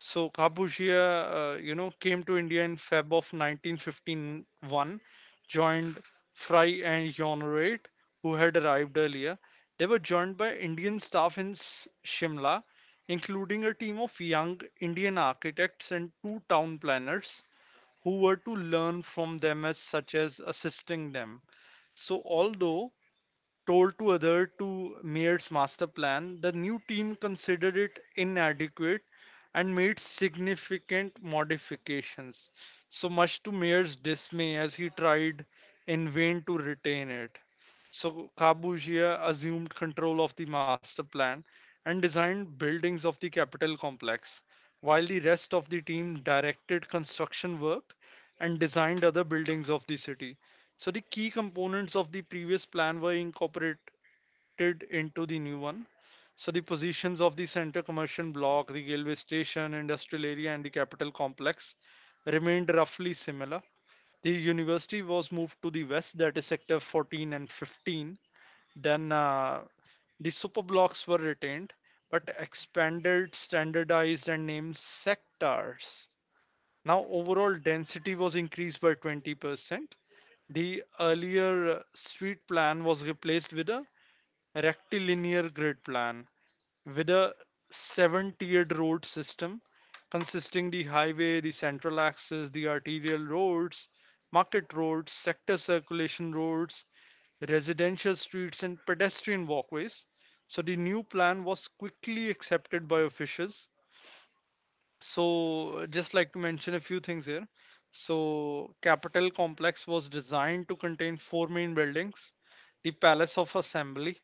So Kabushia, came to India in Feb of 1951, joined Fry and Jonrate, who had arrived earlier. They were joined by Indian staff in Shimla, including a team of young Indian architects and two town planners who were to learn from them as such as assisting them. So although told to other to Maid's master plan, the new team considered it inadequate and made significant modifications, so much to Maid's dismay, as he tried in vain to retain it. So Kabugia assumed control of the master plan and designed buildings of the capital complex, while the rest of the team directed construction work and designed other buildings of the city. So the key components of the previous plan were incorporated into the new one. So the positions of the center commercial block, the railway station, industrial area, and the capital complex remained roughly similar. The university was moved to the west, that is sector 14 and 15, then the superblocks were retained but expanded, standardized, and named sectors. Now, overall density was increased by 20%. The earlier street plan was replaced with a rectilinear grid plan with a seven tiered road system consisting the highway, the central axis, the arterial roads, market roads, sector circulation roads, residential streets and pedestrian walkways. So the new plan was quickly accepted by officials. So just like to mention a few things here. So Capitol Complex was designed to contain four main buildings, the Palace of Assembly,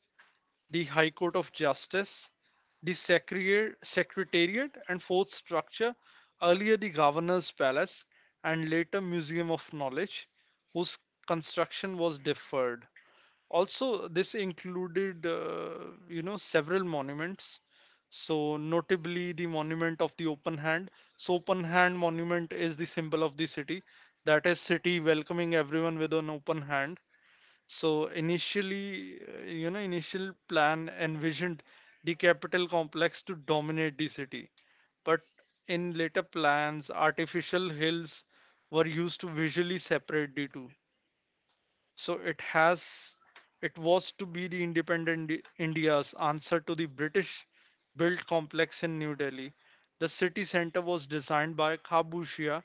the High Court of Justice, the secretariat, and fourth structure, earlier the governor's palace and later museum of knowledge, whose construction was deferred. Also, this included, several monuments. So, notably, the monument of the open hand. So, open hand monument is the symbol of the city. That is, city welcoming everyone with an open hand. So initially, initial plan envisioned the capital complex to dominate the city, but in later plans, artificial hills were used to visually separate the two. So it was to be the independent India's answer to the British built complex in New Delhi. The city center was designed by Kabushia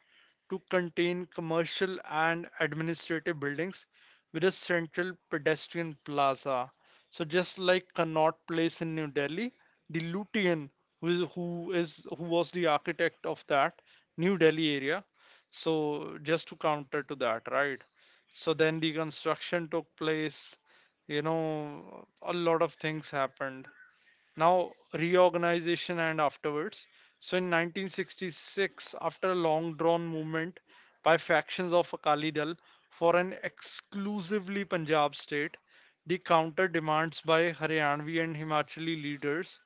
to contain commercial and administrative buildings with a central pedestrian plaza. So just like Connaught Place in New Delhi, the Lutean, who was the architect of that New Delhi area. So just to counter to that, right? So then the construction took place, a lot of things happened. Now, reorganization and afterwards. So in 1966, after a long drawn movement by factions of Akali Dal for an exclusively Punjab state, the counter demands by Haryanvi and Himachali leaders,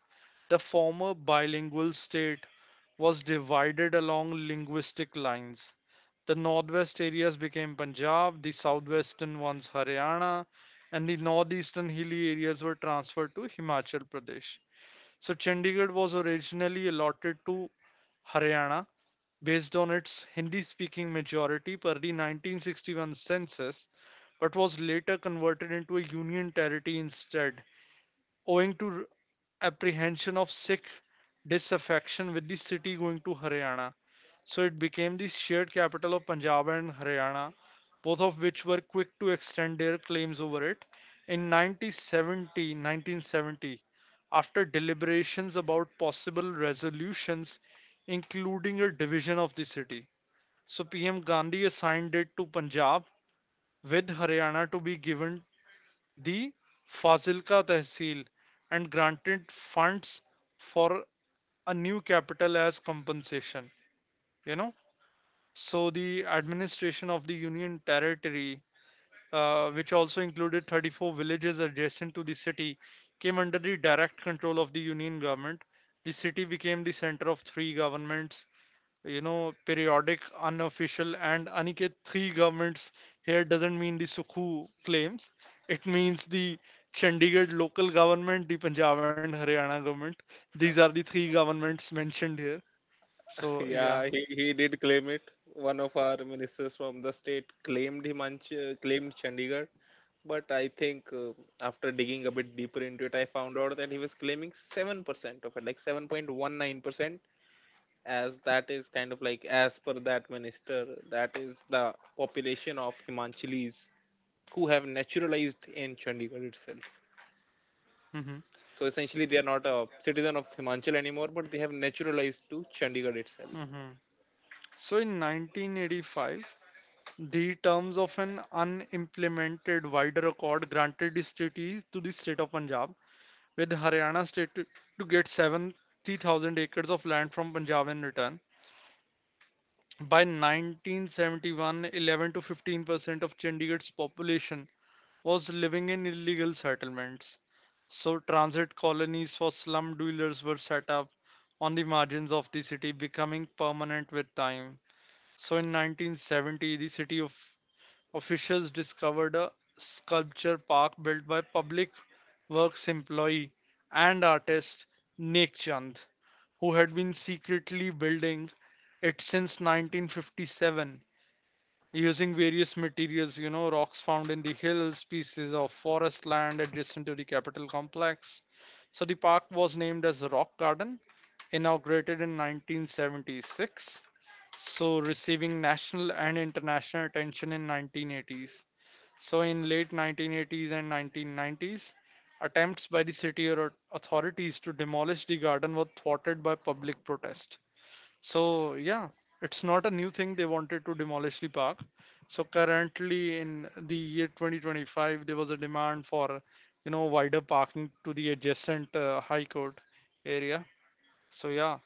the former bilingual state was divided along linguistic lines. The northwest areas became Punjab, the southwestern ones Haryana, and the northeastern hilly areas were transferred to Himachal Pradesh. So Chandigarh was originally allotted to Haryana based on its Hindi speaking majority per the 1961 census, but was later converted into a union territory instead, owing to apprehension of Sikh disaffection with the city going to Haryana. So it became the shared capital of Punjab and Haryana, both of which were quick to extend their claims over it. In 1970, after deliberations about possible resolutions, including a division of the city, so PM Gandhi assigned it to Punjab, with Haryana to be given the Fazilka Tehsil and granted funds for a new capital as compensation. You know, so the administration of the Union Territory, which also included 34 villages adjacent to the city, came under the direct control of the Union government. The city became the center of three governments, periodic, unofficial, and Aniket, three governments here doesn't mean the Sukhu claims. It means the Chandigarh local government, the Punjab and Haryana government. These are the three governments mentioned here. So, yeah.
Yeah, he did claim it. One of our ministers from the state claimed him claimed Chandigarh. But I think after digging a bit deeper into it, I found out that he was claiming 7% of it, like 7.19%, as that is kind of like, as per that minister, that is the population of himanchalis who have naturalized in Chandigarh itself.
Hmm.
So essentially they are not a citizen of Himachal anymore, but they have naturalized to Chandigarh itself.
Hmm. So in 1985, the terms of an unimplemented wider accord granted the treaty to the state of Punjab, with Haryana state to get 70,000 acres of land from Punjab in return. By 1971, 11 to 15% of Chandigarh's population was living in illegal settlements. So transit colonies for slum dwellers were set up on the margins of the city, becoming permanent with time. So in 1970, the city of officials discovered a sculpture park built by public works employee and artist Nek Chand, who had been secretly building it since 1957 using various materials, rocks found in the hills, pieces of forest land adjacent to the capital complex. So the park was named as Rock Garden, inaugurated in 1976, so receiving national and international attention in 1980s. So in late 1980s and 1990s, attempts by the city or authorities to demolish the garden were thwarted by public protest. So yeah, it's not a new thing they wanted to demolish the park. So currently in the year 2025, there was a demand for wider parking to the adjacent high court area. So yeah,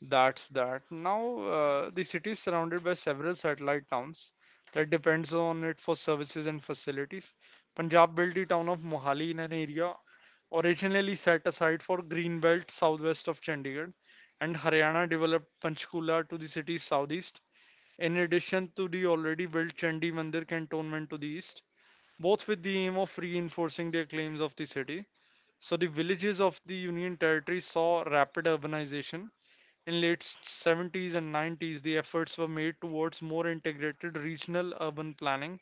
that's that. Now, the city is surrounded by several satellite towns that depends on it for services and facilities. Punjab built the town of Mohali in an area originally set aside for green belt southwest of Chandigarh, and Haryana developed Panchkula to the city's southeast, in addition to the already built Chandi Mandir cantonment to the east, both with the aim of reinforcing their claims of the city. So the villages of the Union Territory saw rapid urbanization in late 70s and 90s. The efforts were made towards more integrated regional urban planning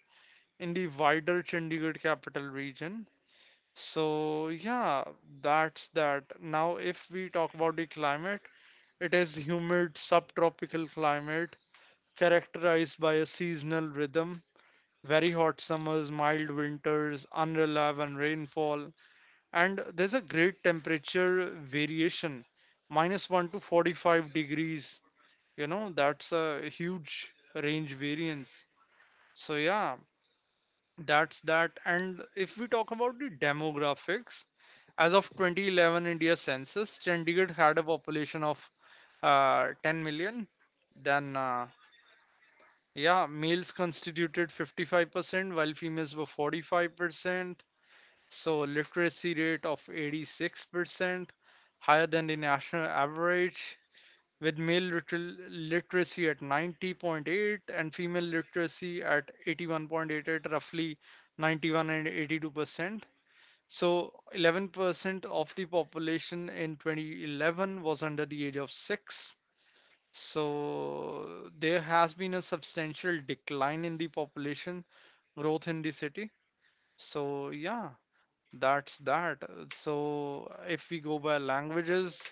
in the wider Chandigarh capital region. So yeah, that's that. Now, if we talk about the climate, it is humid subtropical climate characterized by a seasonal rhythm, very hot summers, mild winters, unreliable rainfall, and there's a great temperature variation, minus 1 to 45 degrees. That's a huge range variance. So yeah, that's that. And if we talk about the demographics, as of 2011 India census, Chandigarh had a population of 10 million. Then, yeah, males constituted 55% while females were 45%. So literacy rate of 86%, higher than the national average, with male literacy at 90.8 and female literacy at 81.8, at roughly 91 and 82%. So 11% of the population in 2011 was under the age of six. So there has been a substantial decline in the population growth in the city. So yeah, that's that. So if we go by languages,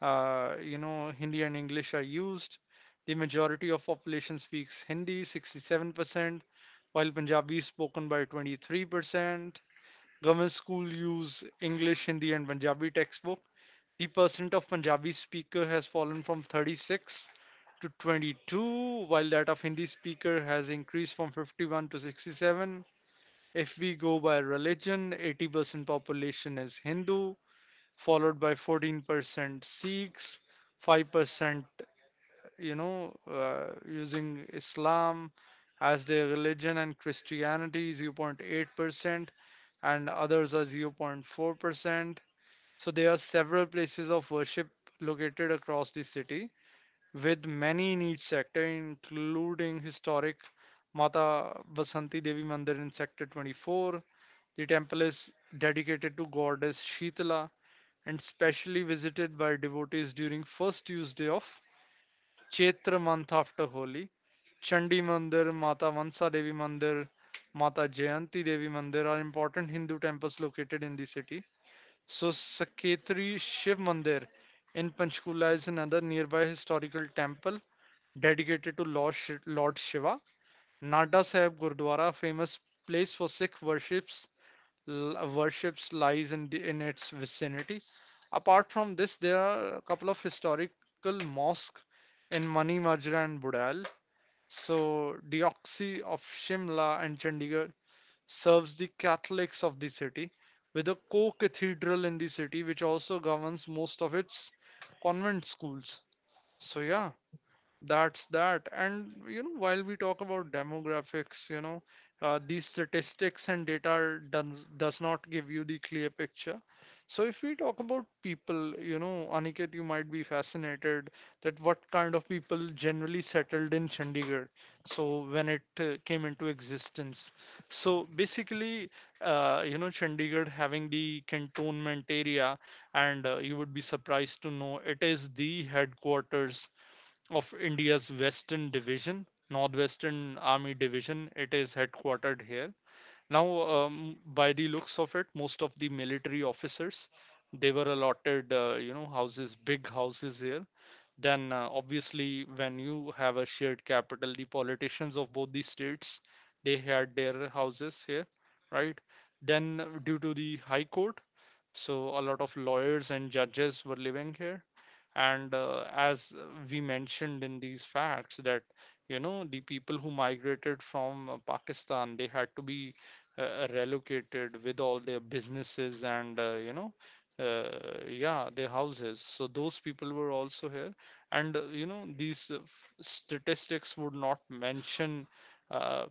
Hindi and English are used. The majority of population speaks Hindi, 67%, while Punjabi is spoken by 23%. Government school use English, Hindi, and Punjabi textbook. The percent of Punjabi speaker has fallen from 36 to 22, while that of Hindi speaker has increased from 51 to 67. If we go by religion, 80% population is Hindu, followed by 14% Sikhs, 5% using Islam as their religion, and Christianity 0.8%, and others are 0.4%. So there are several places of worship located across the city, with many in each sector, including historic Mata Vasanti Devi Mandir in Sector 24. The temple is dedicated to goddess Shitala and specially visited by devotees during first Tuesday of Chaitra month after Holi. Chandi Mandir, Mata Mansa Devi Mandir, Mata Jayanti Devi Mandir are important Hindu temples located in the city. So Saketri Shiv Mandir in Panchkula is another nearby historical temple dedicated to Lord Shiva. Nada Sahib Gurdwara, famous place for Sikh worships, worships lies in its vicinity. Apart from this, there are a couple of historical mosques in Mani Majra and Budal. So Deoxy of Shimla and Chandigarh serves the Catholics of the city, with a co-cathedral in the city which also governs most of its convent schools. So yeah, that's that. And while we talk about demographics, these statistics and data are done, does not give you the clear picture. So if we talk about people, Aniket, you might be fascinated that what kind of people generally settled in Chandigarh. So when it came into existence. So basically, Chandigarh having the cantonment area, and you would be surprised to know it is the headquarters of India's Western Division, Northwestern Army Division. It is headquartered here. Now, by the looks of it, most of the military officers, they were allotted, houses, big houses here. Then, obviously, when you have a shared capital, the politicians of both the states, they had their houses here, right? Then, due to the High Court, so a lot of lawyers and judges were living here. And as we mentioned in these facts, that the people who migrated from Pakistan, they had to be relocated with all their businesses and, yeah, their houses. So those people were also here, and these statistics would not mention uh,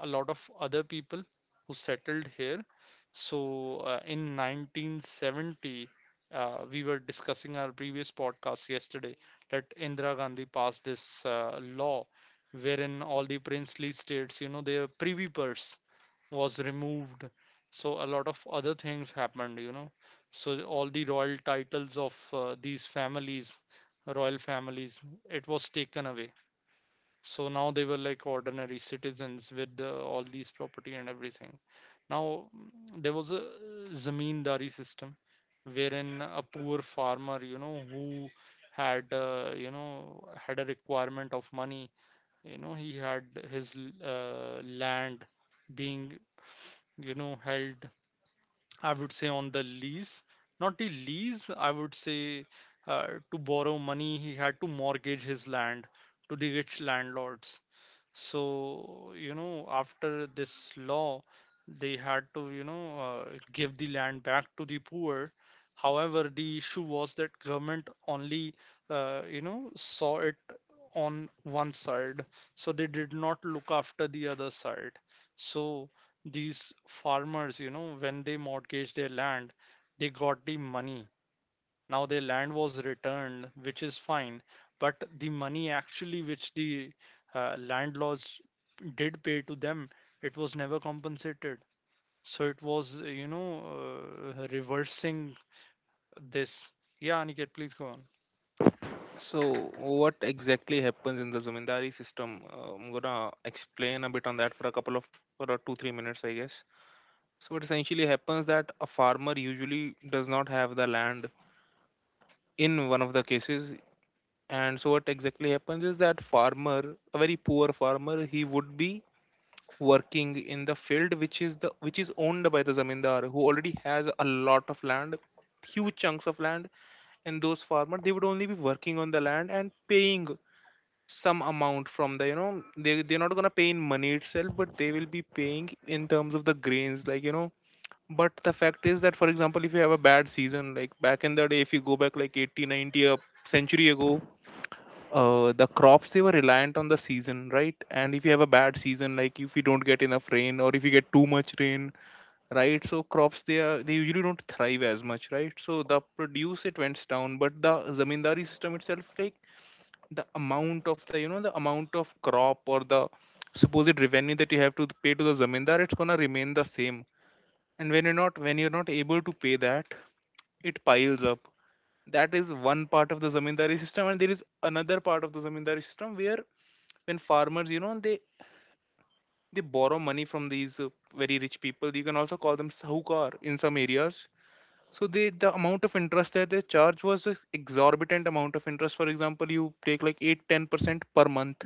a lot of other people who settled here. So in 1970, we were discussing our previous podcast yesterday that Indira Gandhi passed this law, wherein all the princely states, their privy purse was removed. So a lot of other things happened. So all the royal titles of these families, royal families, it was taken away. So now they were like ordinary citizens with all these property and everything. Now, there was a zamindari system, wherein a poor farmer, who had you know had a requirement of money. He had his land being, held, I would say, on the lease. Not the lease, I would say. To borrow money, he had to mortgage his land to the rich landlords. So, after this law, they had to, give the land back to the poor. However, the issue was that government only, saw it on one side, so they did not look after the other side. So these farmers, when they mortgaged their land, they got the money. Now their land was returned, which is fine, but the money actually which the landlords did pay to them, it was never compensated. So it was, reversing this. Yeah, Aniket, please go on.
So what exactly happens in the zamindari system, I'm gonna explain a bit on that for a 2 3 minutes, I guess. So what essentially happens that a farmer usually does not have the land in one of the cases. And so what exactly happens is that farmer, a very poor farmer, he would be working in the field which is owned by the zamindar, who already has a lot of land, huge chunks of land, and those farmers they would only be working on the land and paying some amount from they're not gonna pay in money itself, but they will be paying in terms of the grains. But the fact is that, for example, if you have a bad season, like back in the day, if you go back like 80, 90, a century ago, the crops they were reliant on the season, right? And if you have a bad season, like if you don't get enough rain or if you get too much rain, right? So crops, they usually don't thrive as much, right? So the produce it went down. But the zamindari system itself, like, the amount of the you know the amount of crop, or the supposed revenue that you have to pay to the zamindar, it's gonna remain the same. And when you're not able to pay that, it piles up. That is one part of the zamindari system, and there is another part of the zamindari system where when farmers, they borrow money from these very rich people. You can also call them sahukar in some areas. So the amount of interest that they charge was this exorbitant amount of interest. For example, you take like eight, 10% per month.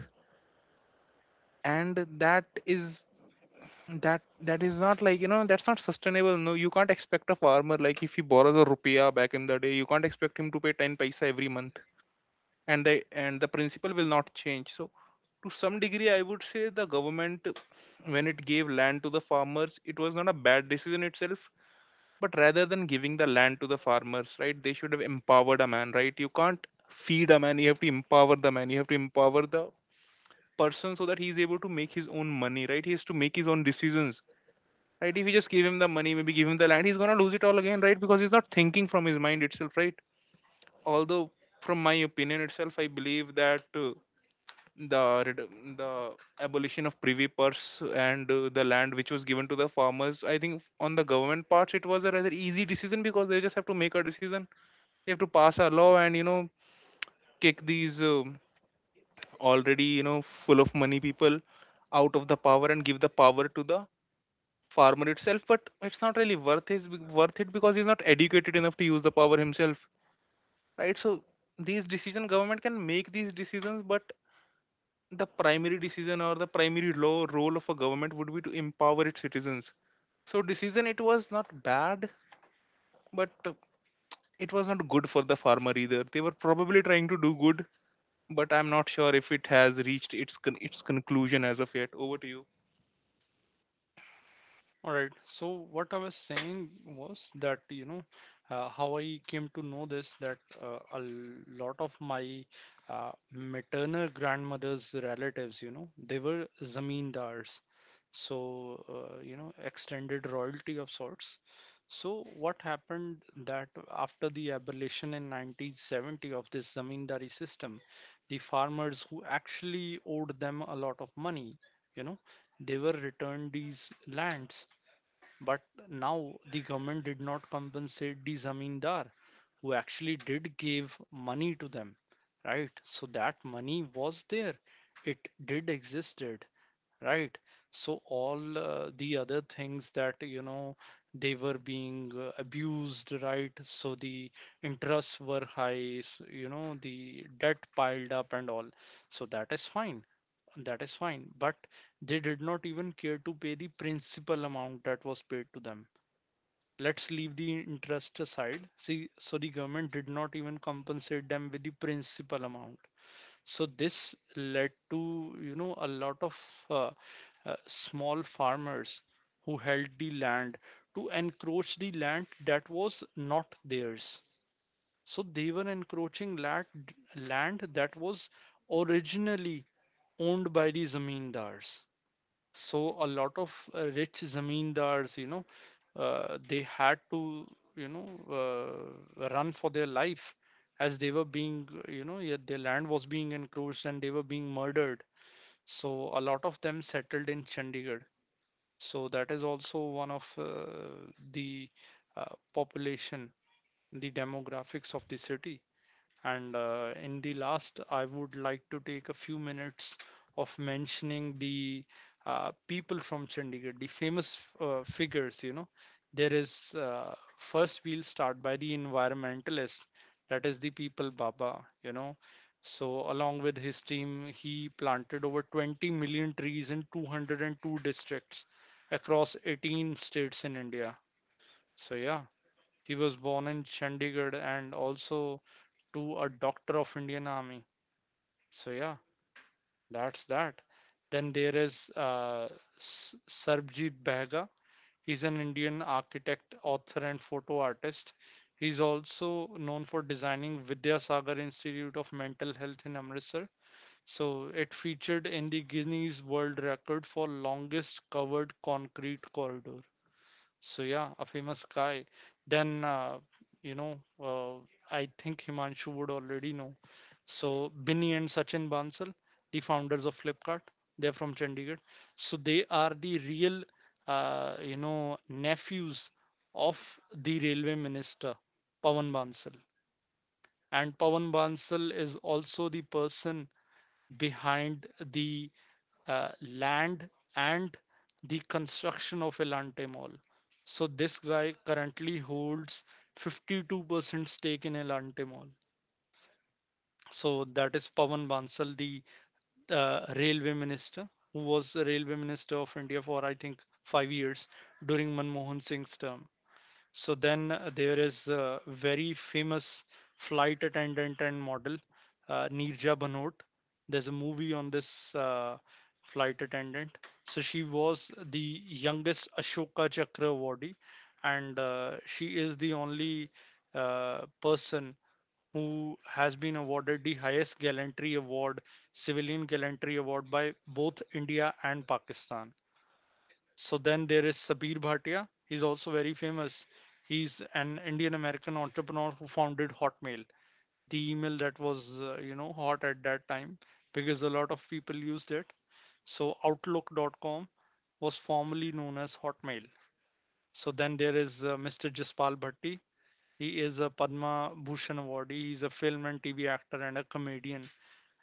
And that is that not like, that's not sustainable. No, you can't expect a farmer, like if he borrows a rupiah back in the day, you can't expect him to pay 10 paisa every month. And the principle will not change. So to some degree, I would say the government, when it gave land to the farmers, it was not a bad decision itself. But rather than giving the land to the farmers, right, they should have empowered a man. Right? You can't feed a man, you have to empower the man, you have to empower the person, so that he is able to make his own money, right? He has to make his own decisions, right? If you just give him the money, maybe give him the land, he's going to lose it all again, right? Because he's not thinking from his mind itself, right? Although from my opinion itself, I believe that the abolition of privy purse and the land which was given to the farmers, I think on the government parts, it was a rather easy decision, because they just have to make a decision. They have to pass a law and kick these already full of money people out of the power and give the power to the farmer itself. But it's not really worth it because he's not educated enough to use the power himself, right? So these decision, government can make these decisions, but the primary decision or the primary law role of a government would be to empower its citizens. So decision, it was not bad, but it was not good for the farmer either. They were probably trying to do good, but I'm not sure if it has reached its its conclusion as of yet. Over to you.
All right. So what I was saying was that, how I came to know this, that a lot of my maternal grandmother's relatives, they were zamindars. So, extended royalty of sorts. So what happened that after the abolition in 1970 of this zamindari system, the farmers who actually owed them a lot of money, you know, they were returned these lands, but now the government did not compensate the zamindar who actually did give money to them, right? So that money was there, it did existed, right? So all the other things that they were being abused, right? So the interests were high. S you know The debt piled up and all. So that is fine. That is fine, but they did not even care to pay the principal amount that was paid to them. Let's leave the interest aside, see? So the government did not even compensate them with the principal amount. So this led to, a lot of uh, small farmers who held the land, to encroach the land that was not theirs. So they were encroaching land that was originally owned by the zamindars. So a lot of rich zamindars, they had to, you know, run for their life, as they were being, yeah, their land was being encroached, and they were being murdered. So a lot of them settled in Chandigarh. So that is also one of the uh, population, the demographics of the city. And in the last, I would like to take a few minutes of mentioning the people from Chandigarh, the famous figures. There is, first we'll start by the environmentalist, that is the people Baba. So along with his team, he planted over 20 million trees in 202 districts across 18 states in India. So yeah, he was born in Chandigarh and also to a doctor of Indian Army. So yeah, that's that. Then there is Sarbjit Behga. He's an Indian architect, author, and photo artist. He's also known for designing Vidyasagar Institute of Mental Health in Amritsar. So it featured in the Guinness World Record for longest covered concrete corridor. So yeah, a famous guy. Then you know, uh, I think Himanshu would already know. So Binny and Sachin Bansal, the founders of Flipkart, they're from Chandigarh. So they are the real nephews of the railway minister Pavan Bansal. And Pavan Bansal is also the person behind the uh, land and the construction of Elante Mall. So this guy currently holds 52% stake in Elante Mall. So that is Pawan Bansal, the railway minister, who was the railway minister of India for I think 5 years during Manmohan Singh's term. So then there is a very famous flight attendant and model, Neerja Bhanot. There's a movie on this flight attendant. So she was the youngest Ashoka Chakra awardee, and she is the only person who has been awarded the highest gallantry award, civilian gallantry award by both India and Pakistan. So then there is Sabir Bhatia. He's also very famous. He's an Indian American entrepreneur who founded Hotmail, the email that was, hot at that time because a lot of people used it. So Outlook.com was formerly known as Hotmail. So then there is Mr. Jaspal Bhatti. He is a Padma Bhushan awardee. He's a film and TV actor and a comedian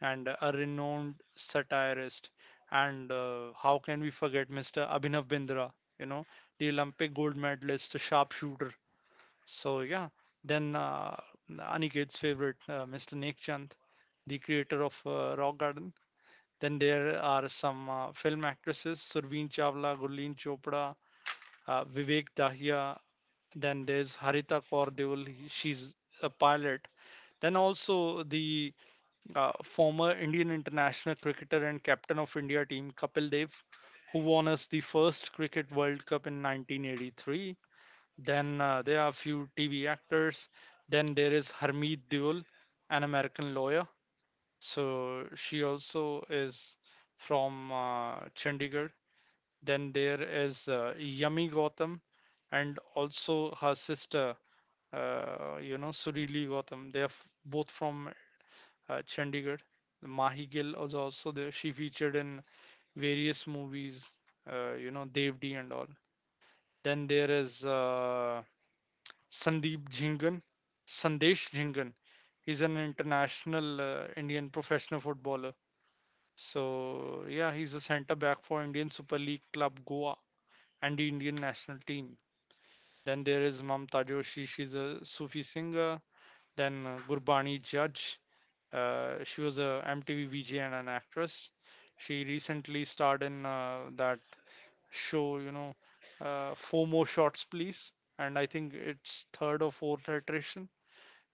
and a renowned satirist. And how can we forget Mr. Abhinav Bindra, you know, the Olympic gold medalist, sharpshooter. So, yeah, then Aniket's favorite, Mr. Nek Chand, the creator of Rock Garden. Then there are some film actresses, Surveen Chawla, Gurleen Chopra, Vivek Dahiya. Then there's Harita Kaur Deol, she's a pilot. Then also the former Indian international cricketer and captain of India team Kapil Dev, who won us the first Cricket World Cup in 1983. Then there are a few TV actors. Then there is Harmeet Deol, an American lawyer. So she also is from Chandigarh. Then there is Yami Gautam and also her sister, Surili Gautam. They are both from Chandigarh. Mahi Gill was also there. She featured in various movies, Devdi and all. Then there is Sandeep Jhingan, Sandesh Jhingan. He's an international Indian professional footballer. So yeah, he's a centre back for Indian Super League club Goa and the Indian national team. Then there is Mamta Joshi. She's a Sufi singer. Then Gurbani Judge. She was a MTV VJ and an actress. She recently starred in that show, you know, Four More Shots, Please. And I think it's third or fourth iteration.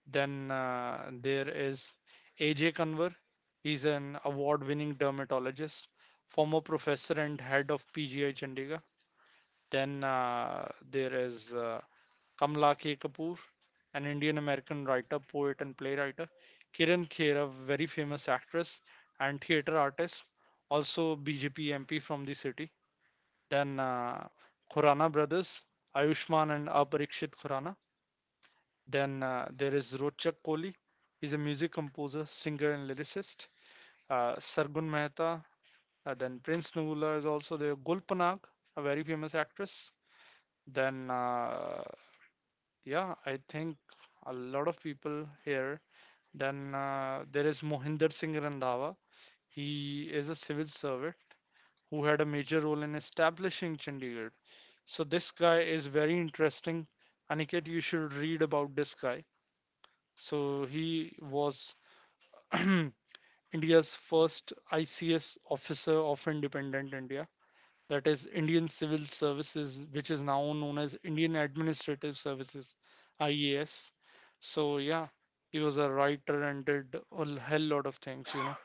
Then there is AJ Kanwar. He's an award winning dermatologist, former professor and head of PGI Chandigarh. Then there is Kamla K. Kapoor, an Indian American writer, poet, and playwright. Kiran Kher, a very famous actress and theater artist, also BJP MP from the city. Then Khurana brothers, Ayushman and Aparikshit Khurana. Then there is Rochak Kohli, he's a music composer, singer, and lyricist. Sargun Mehta, then Prince Nugula is also there. Gulpanag, a very famous actress. Then yeah, I think a lot of people here. Then there is Mohinder Singh Randhawa. He is a civil servant who had a major role in establishing Chandigarh. So this guy is very interesting. Aniket, you should read about this guy. So he was India's first ICS officer of independent India. That is Indian Civil Services, which is now known as Indian Administrative Services, IAS. So yeah, he was a writer and did a hell lot of things,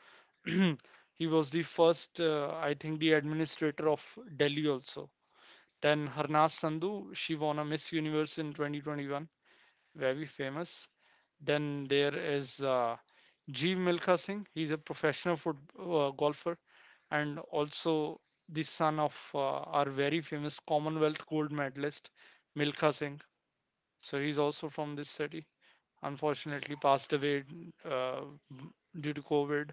know. He was the first, I think, the administrator of Delhi also. Then Harnas Sandhu, she won a Miss Universe in 2021, very famous. Then there is Jeev Milkha Singh. He's a professional foot golfer and also the son of our very famous Commonwealth gold medalist Milkha Singh. So he's also from this city. Unfortunately, passed away uh, due to COVID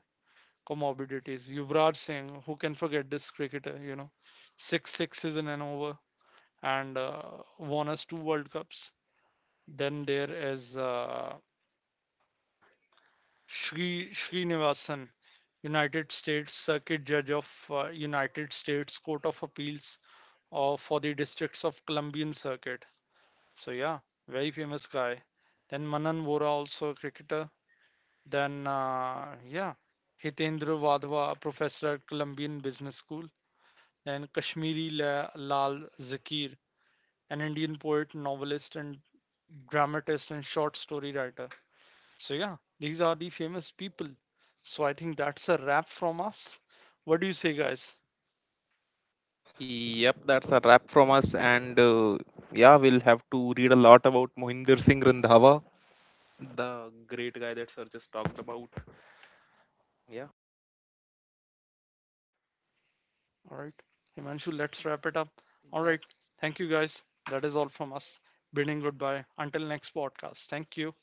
comorbidities. Yuvraj Singh, who can forget this cricketer? You know, 6 sixes in an over and won us 2 World Cups. Then there is Sri Srinivasan. United States Circuit Judge of United States Court of Appeals of for the Districts of Columbian Circuit. So yeah, very famous guy. Then Manan Vora also a cricketer. Then Hitendra Wadhwa, a professor at Columbian Business School. Then Kashmiri Lal Zakir, an Indian poet, novelist, and dramatist and short story writer. So yeah, these are the famous people. So I think that's a wrap from us. What do you say, guys?
Yep, that's a wrap from us, and yeah, we'll have to read a lot about Mohinder Singh Randhawa, the great guy that sir just talked about. Yeah.
All right. Himanshu, let's wrap it up. All right. Thank you guys. That is all from us. Bidding goodbye. Until next podcast. Thank you.